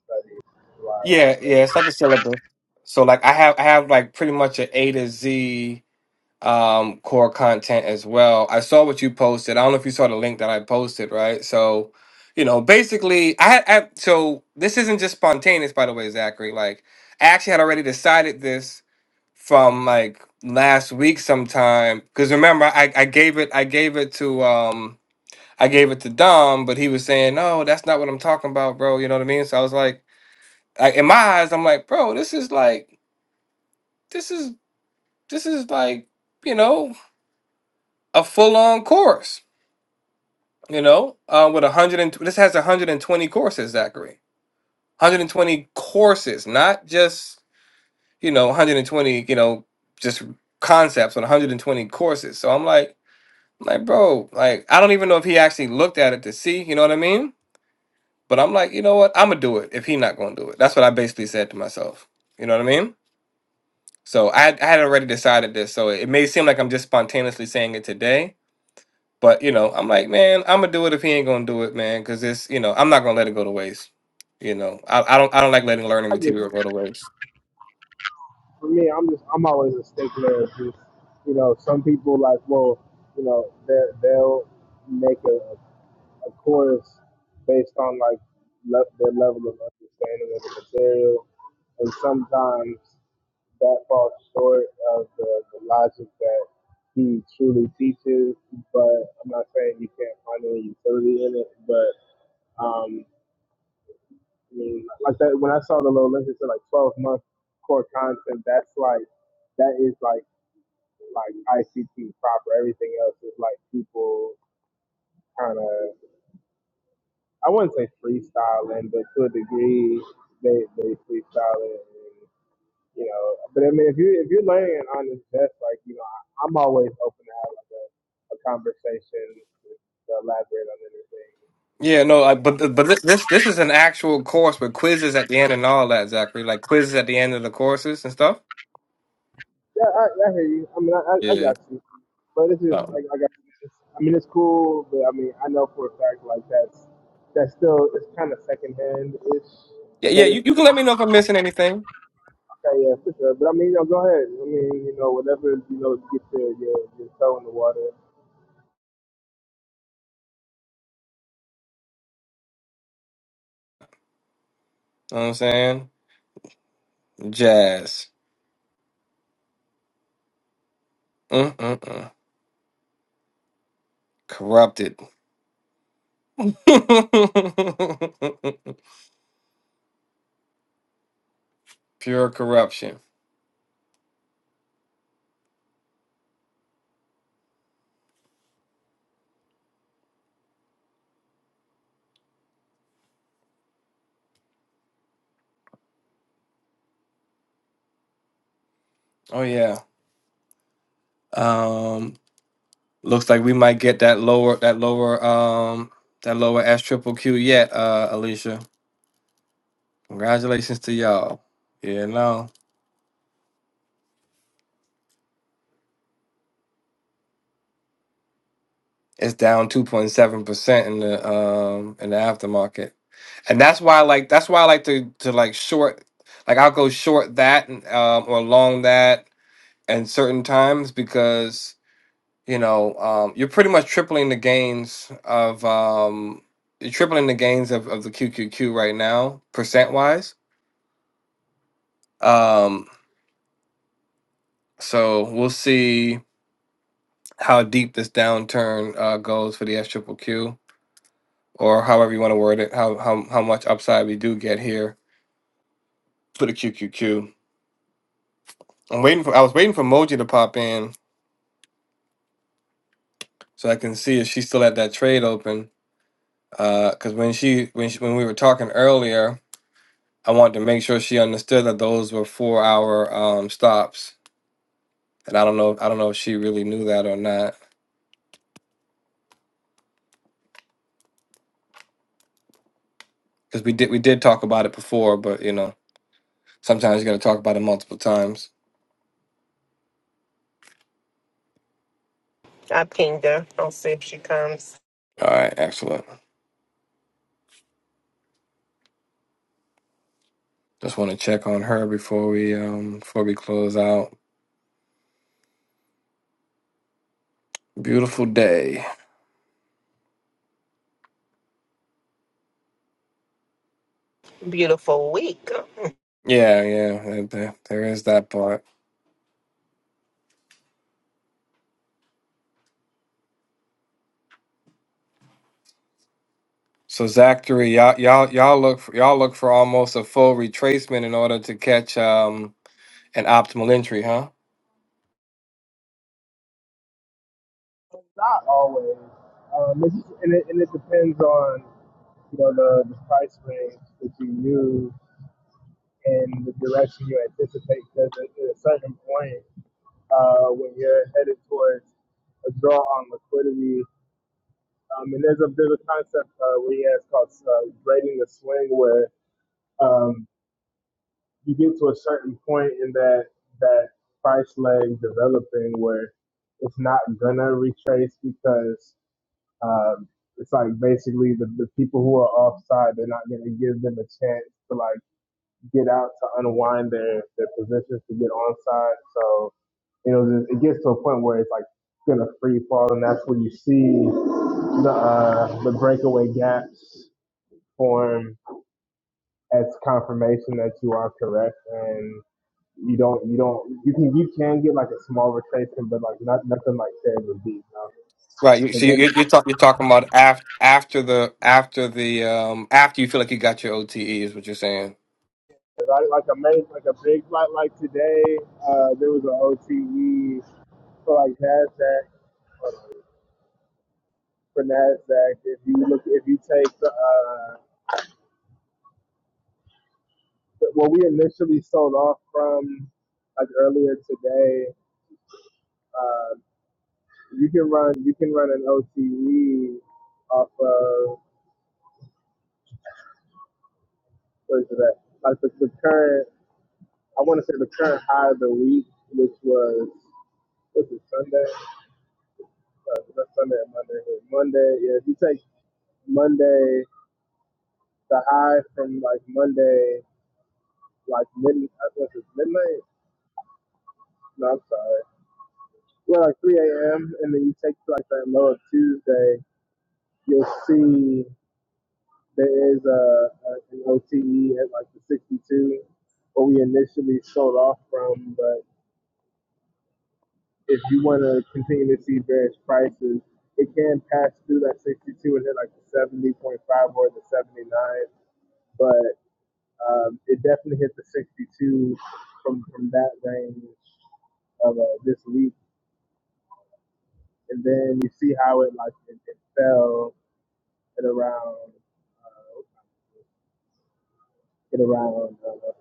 Speaker 9: study wise.
Speaker 1: Yeah,
Speaker 9: So
Speaker 1: yeah, it's like a syllabus. So like I have I have like pretty much an A to Z um core content as well. I saw what you posted. I don't know if you saw the link that I posted, right? So, you know, basically I, I so this isn't just spontaneous by the way, Zachary. Like I actually had already decided this from like last week sometime because remember I, I gave it I gave it to um I gave it to Dom but he was saying no that's not what I'm talking about bro you know what I mean so I was like I, in my eyes I'm like bro this is like this is this is like you know a full on course, you know, uh, with 100 and this has 120 courses, Zachary. 120 courses, not just, you know, 120, you know, just concepts, but 120 courses. So I'm like, I'm like, bro, like, I don't even know if he actually looked at it to see, you know what I mean? But I'm like, you know what? I'm gonna do it if he not gonna do it. That's what I basically said to myself. You know what I mean? So I, had- I had already decided this. So it may seem like I'm just spontaneously saying it today, But you know, I'm like, man, I'm gonna do it if he ain't gonna do it, man, because it's you know, I'm not gonna let it go to waste. You know, I, I don't I don't like letting learning
Speaker 9: I just,
Speaker 1: material go to waste.
Speaker 9: for me, I'm just, I'm always a stickler. Of just, you know, some people like, well, you know, they- they'll make a, a chorus based on like le- their level of understanding of the material, and sometimes that falls short of the, the logic that he truly teaches. But I'm not saying you can't find any utility in it, but um, I mean, like that when I saw the little list, it said like 12 month core content. That's like that is like like ICT proper. Everything else is like people kind of I wouldn't say freestyling, but to a degree they they freestyling. And, you know, but I mean, if you if you're learning an honest test, like you know, I, I'm always open to have like a, a conversation to elaborate on anything.
Speaker 1: Yeah, no, I, but
Speaker 9: You
Speaker 1: th-
Speaker 9: know,
Speaker 1: but
Speaker 9: I'm.
Speaker 1: this, this this is an actual course with quizzes at the end and all that, Zachary. Like quizzes at the end of the courses and stuff.
Speaker 9: Yeah, I, I hear you. I mean, I, I, I
Speaker 1: Yeah.
Speaker 9: got you. But it's just
Speaker 1: So
Speaker 9: like I got. It's, I mean, it's cool, but I mean, I know for a fact like that's that's still it's kind of secondhand ish.
Speaker 1: yeah, yeah.
Speaker 9: But
Speaker 1: You,
Speaker 9: it's
Speaker 1: you can
Speaker 9: okay,
Speaker 1: let me know if I'm missing anything.
Speaker 9: yeah, for sure. But I mean, you know, go ahead. I mean, you know, whatever you know, get your your, your toe in the water.
Speaker 1: know what I'm saying jazz. Mm-mm-mm. Corrupted. Pure corruption. Oh yeah. Um. Looks like we might get that lower that lower um that lower S triple Q yet, uh Alicia. Congratulations to y'all. Yeah, no. It's down two point seven percent in the um in the aftermarket. And that's why I like that's why I like to to like short like I'll go short that and, um or long that and certain times because you know um you're pretty much tripling the gains of um you're tripling the gains of, of the QQQ right now percent wise Um, so we'll see how deep this downturn uh, goes for the S triple Q, or however you want to word it. How how how much upside we do get here for the QQQ. I'm waiting for. I was waiting for Moji to pop in so I can see if she still had that trade open. Because when she when she, when we were talking earlier, I wanted to make sure she understood that those were four hour um, stops, and I don't know I don't know if she really knew that or not. Because we did we did talk about it before, but you know. Sometimes you got to talk about it multiple times.
Speaker 7: I pinged her. I'll see if she comes.
Speaker 1: All right, excellent. Just want to check on her before we um before we close out. Beautiful day.
Speaker 7: Beautiful week.
Speaker 1: Yeah, yeah. There, there there is that part. So Zachary, y'all, y'all, y'all look for y'all look for almost a full retracement in order to catch um an optimal entry, huh?
Speaker 9: Not always. Um, it's just, and it and it depends on you know the, the price range that you use and the direction you anticipate. Because at at a certain point. uh, when you're headed towards a draw on liquidity. Um, and there's a there's a concept uh, where he called uh, grading the swing, where um, you get to a certain point in that that price leg developing where it's not gonna retrace because um, it's like basically the, the people who are offside, they're not gonna give them a chance to like get out to unwind their, their positions to get onside. So, you know, it gets to a point where it's like gonna free fall, and that's where you see the uh, the breakaway gaps form as confirmation that you are correct, and you don't you don't you can you can get like a small retracement, but like not nothing like Taylor deep. No.
Speaker 1: Right. You,
Speaker 9: But
Speaker 1: so you,
Speaker 9: there,
Speaker 1: you're, talk, you're talking about after after the after the um after you feel like you got your OTE is what you're saying.
Speaker 9: like like a main, like a big like like today, uh, there was an OTE for like Nasdaq. for Nasdaq. If you look, if you take the uh, what we initially sold off from like earlier today, uh, you can run you can run an OTE off of what is that? Like the, the current, I want to say the current high of the week, which was what's it Sunday? Uh, not Sunday, Monday. Monday. Yeah, if you take Monday, the high from like Monday, like mid, I think it's midnight. No, I'm sorry. yeah, like 3 a.m. and then you take like that low of Tuesday, you'll see there is a, a an OTE at like the 62, what we initially sold off from. But if you want to continue to see various prices, it can pass through that 62 and hit like the 70.5 or the 79. But um, it definitely hit the 62 from from that range of uh, this week, and then you see how it like it, it fell at around uh, at around uh,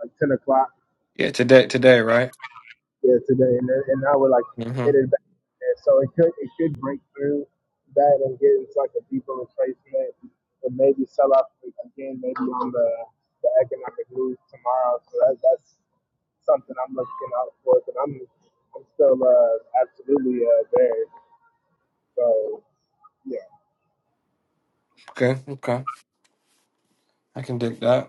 Speaker 9: like ten o'clock
Speaker 1: Yeah, today today, right?
Speaker 9: yeah today, and then- and I would like
Speaker 1: Mm-hmm.
Speaker 9: hit it back. And so it could it could break through that and get into like a deeper retracement and maybe sell off again maybe on the the economic news tomorrow. So that, that's something I'm looking out for. But I'm I'm still uh, absolutely uh, there. So yeah.
Speaker 1: Okay, okay. I can dig that.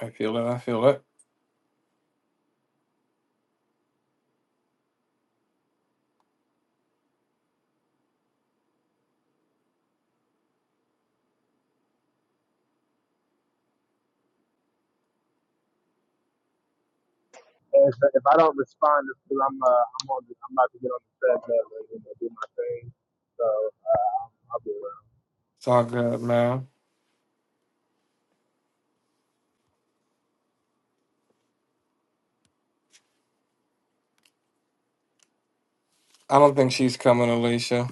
Speaker 1: I feel it. I feel it.
Speaker 9: And if, if I don't respond, it's because I'm uh, I'm on the, I'm about to get on the treadmill and you know, do my thing. So uh, I'll be around.
Speaker 1: It's all good, man. I don't think she's coming, Alicia.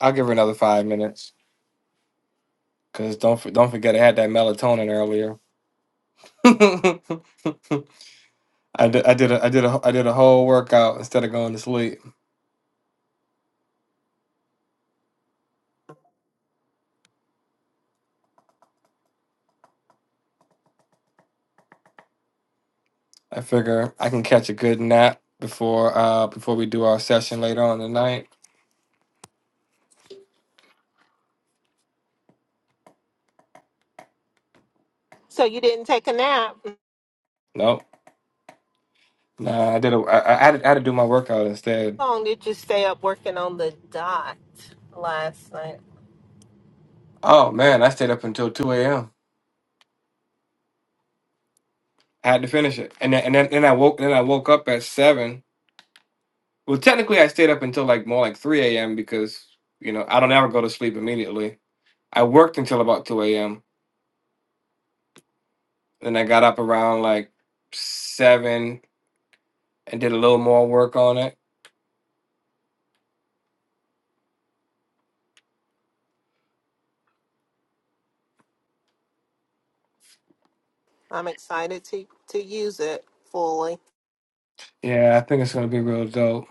Speaker 1: I'll give her another five minutes. Cause don't for- don't forget I had that melatonin earlier. I did I did a, I did a I did a whole workout instead of going to sleep. I figure I can catch a good nap before uh before we do our session later on tonight.
Speaker 7: So you didn't take a nap.
Speaker 1: Nope. Nah, I did a I, I had to, I had to do my workout instead.
Speaker 7: How long did you stay up working on the dot last night?
Speaker 1: Oh man, I stayed up until two a.m. had to finish it, and then and then, then I woke then I woke up at seven Well, technically, I stayed up until like more like 3 a.m. because, you know, I don't ever go to sleep immediately. I worked until about 2 a.m. Then I got up around like 7 and did a little more work on it.
Speaker 7: I'm excited to, to use it fully
Speaker 1: Yeah, I think it's going to be real dope.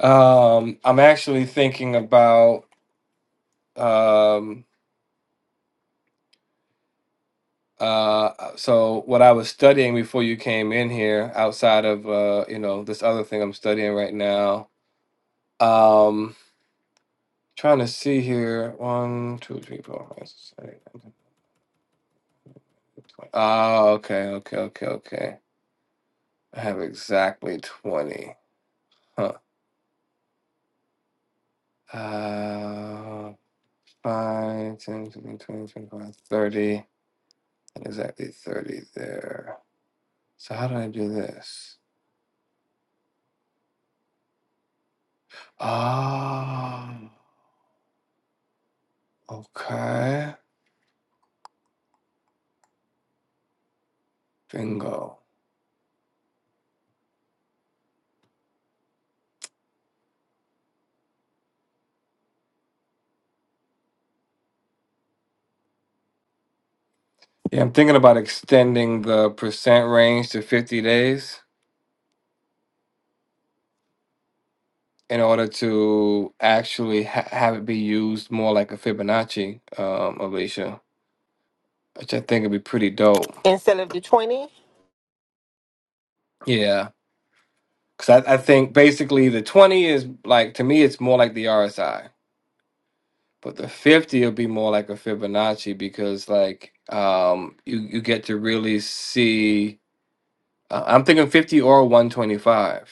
Speaker 1: Um, I'm actually thinking about um uh so what I was studying before you came in here outside of uh you know this other thing I'm studying right now. Um trying to see here one two three four five six seven eight nine, ten. Oh, okay, okay, okay, okay. I have exactly 20. Huh. Uh, 5, ten, fifteen, twenty, twenty-five, thirty, And exactly 30 there. So how do I do this? Ah, okay. Bingo. Yeah, I'm thinking about extending the percent range to 50 days in order to actually ha- have it be used more like a Fibonacci, um, Alicia, which I think would be pretty dope.
Speaker 7: instead of the 20.
Speaker 1: Yeah, because I, I think basically the 20 is like to me it's more like the RSI, but the 50 will be more like a Fibonacci because like um you you get to really see. Uh, I'm thinking 50 or 125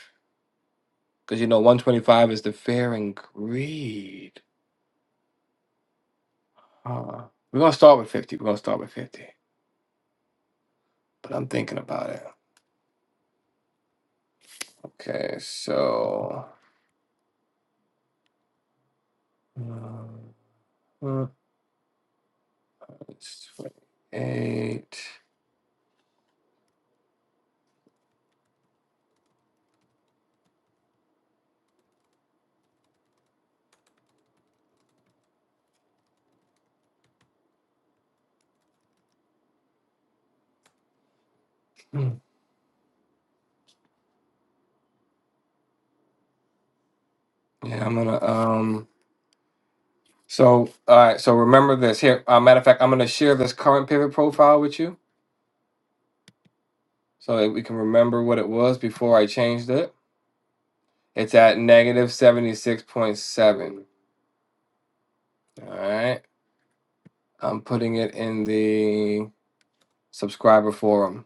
Speaker 1: because you know 125 is the fair and greed. Huh. We're gonna start with 50. We're gonna start with 50, but I'm thinking about it. Okay, so um, uh, it's 28. Mm. Yeah, I'm gonna um. So, all right. So remember this here. Uh, matter of fact, I'm going to share this current pivot profile with you so that we can remember what it was before I changed it. It's at negative 76.7. All right. I'm putting it in the subscriber forum.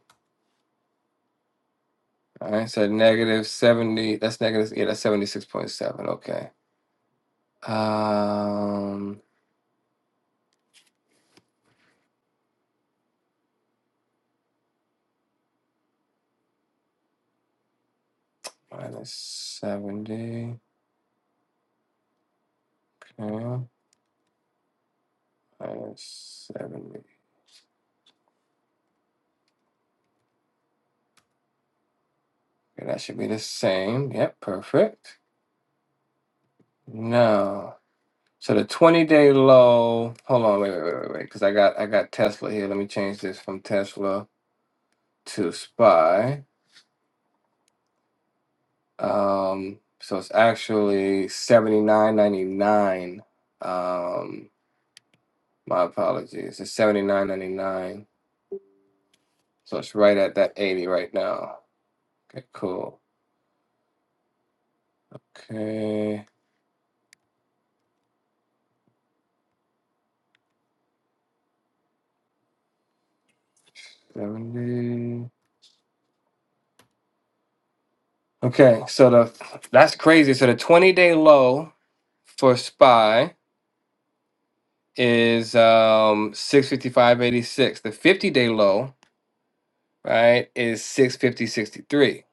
Speaker 1: All right. So negative 70. That's negative. Yeah, that's 76.7. Okay. Um, minus 70. Okay. Minus 70. Okay, that should be the same. Yep. Perfect. No. So the 20 day low, hold on, wait, wait, wait, wait, wait, because I got I got Tesla here. Let me change this from Tesla to SPY. Um, so it's actually 79.99. Um, my apologies. It's 79.99. So it's right at that 80 right now. Okay, cool. Okay, 70. Okay, so the that's crazy. So the 20 day low for SPY. is um 655.86. The 50 day low, right, is 650.63.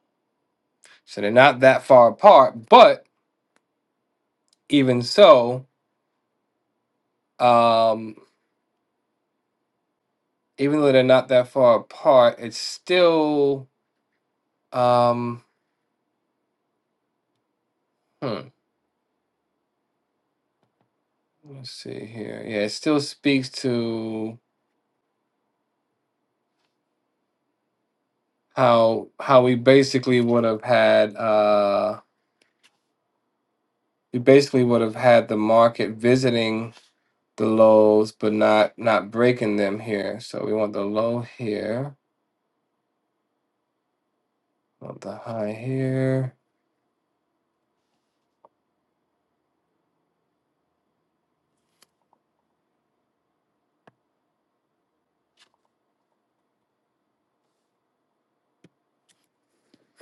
Speaker 1: So they're not that far apart, but even so, um, even though they're not that far apart, it's still um hmm, let's see here. Yeah, it still speaks to how how we basically would have had uh we basically would have had the market visiting the lows, but not not breaking them here. So we want the low here, want the high here,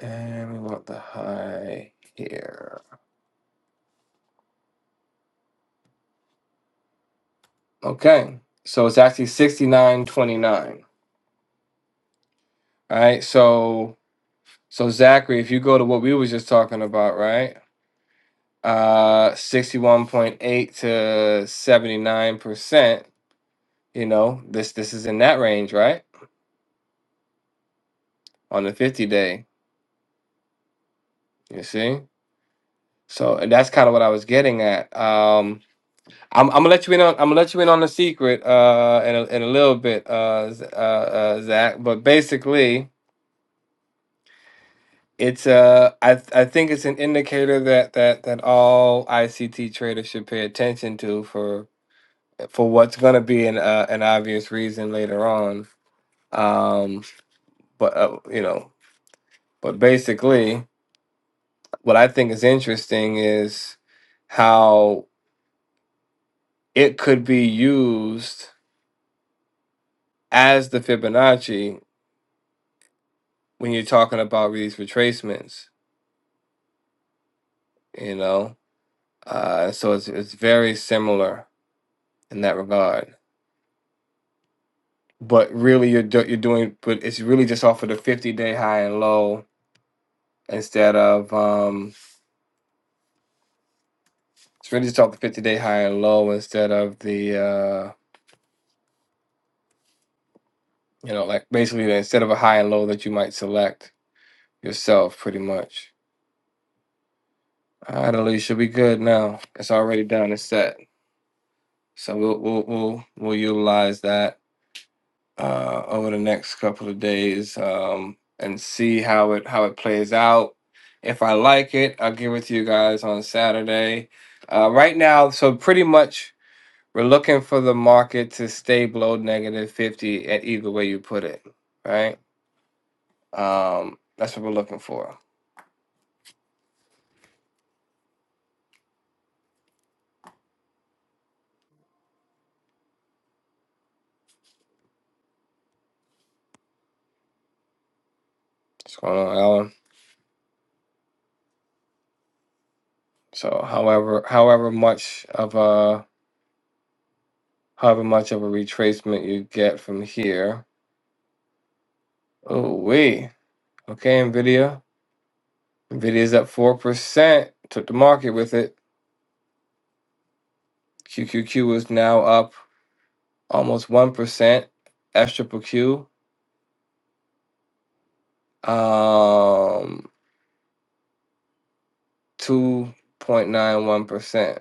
Speaker 1: and we want the high here. Okay, so it's actually sixty nine twenty nine. All right, so so Zachary, if you go to what we was just talking about, right? Uh, sixty one point eight to seventy nine percent. You know, this this is in that range, right? On the fifty day, you see. So and that's kind of what I was getting at. Um, I'm, I'm gonna let you in on I'm gonna let you in on a secret uh in a, in a little bit uh, Z- uh uh Zach but basically it's uh I th- I think it's an indicator that that that all ICT traders should pay attention to for for what's gonna be an uh, an obvious reason later on um but uh, you know but basically what I think is interesting is how it could be used as the Fibonacci when you're talking about these retracements, you know. Uh, so it's it's very similar in that regard. But really, you're do- you're doing, but it's really just off of the 50 day high and low instead of um, it's really just off the 50 day high and low instead of the uh, you know, like basically instead of a high and low that you might select yourself, pretty much. All right, Alicia, we good now. It's already done. It's set. So we'll we'll we'll, we'll utilize that uh, over the next couple of days um, and see how it how it plays out. If I like it, I'll give it to you guys on Saturday. Uh, right now, so pretty much we're looking for the market to stay below negative fifty at either way you put it, right? Um, that's what we're looking for. What's going on, Alan? So, however, however much of a however much of a retracement you get from here. Oh, we okay, Nvidia. Nvidia's up 4%, took the market with it. QQQ is now up almost 1%. S Q, Q Q, um, 2.91%.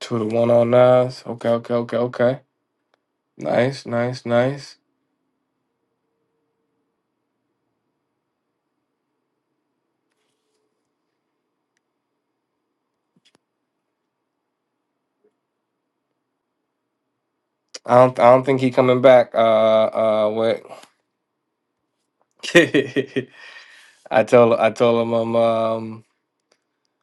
Speaker 1: Two to one on Nas. Okay, okay, okay, okay. Nice, nice, nice. I don't, I don't think he coming back. Uh, uh, what? I told, I told him, I'm, um,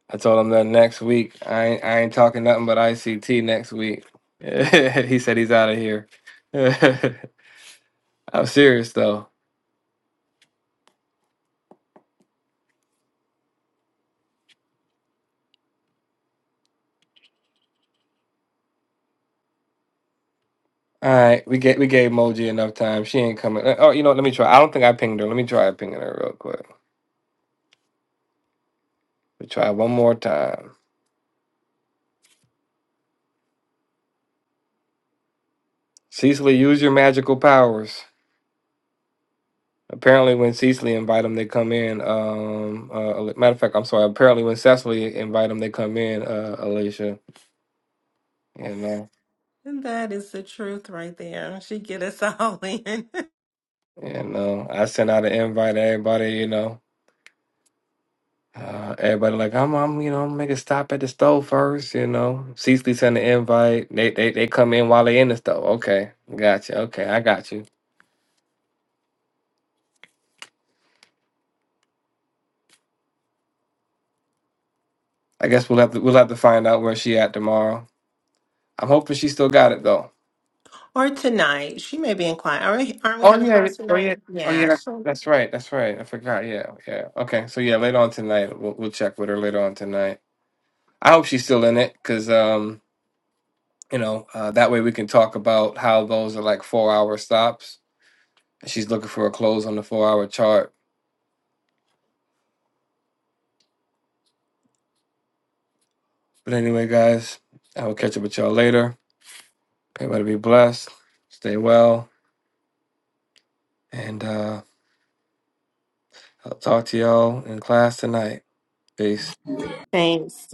Speaker 1: I told him that next week I ain't, I ain't talking nothing but ICT next week. he said he's out of here. I'm serious though. All right, we get we gave Moji enough time. She ain't coming. Uh, Oh, you know, what, let me try. I don't think I pinged her. Let me try pinging her real quick. We try one more time. Cecily, use your magical powers. Apparently, when Cecily invite them, they come in. Um, uh, Ale- matter of fact, I'm sorry. Apparently, when Cecily invite them, they come in. Uh, Alicia, you know,
Speaker 7: And that is the truth right there. She get us all in.
Speaker 1: you know, I sent out an invite to everybody, you know. Uh, everybody like I'm, I'm, you know, make a stop at the store first. You know, Cecily sent an invite. They, they, they come in while they in the store. Okay, gotcha. Okay, I got you. I guess we'll have to, we'll have to find out where she at tomorrow. I'm hoping she still got it though.
Speaker 7: or tonight. She may be in class. Are we, aren't we
Speaker 1: Oh
Speaker 7: having
Speaker 1: yeah,
Speaker 7: class
Speaker 1: oh yeah,
Speaker 7: tonight?
Speaker 1: oh yeah.
Speaker 7: Yeah.
Speaker 1: that-
Speaker 7: She,
Speaker 1: That's right. That's right. I forgot. Yeah, yeah. Okay, so yeah, later on tonight, we'll, we'll check with her later on tonight. I hope she's still in it, cause um, you know, uh, that way we can talk about how those are like four hour stops. She's looking for a close on the four hour chart But anyway, guys, I will catch up with y'all later. Everybody be blessed. Stay well. And uh, I'll talk to y'all in class tonight. Peace.
Speaker 7: Thanks.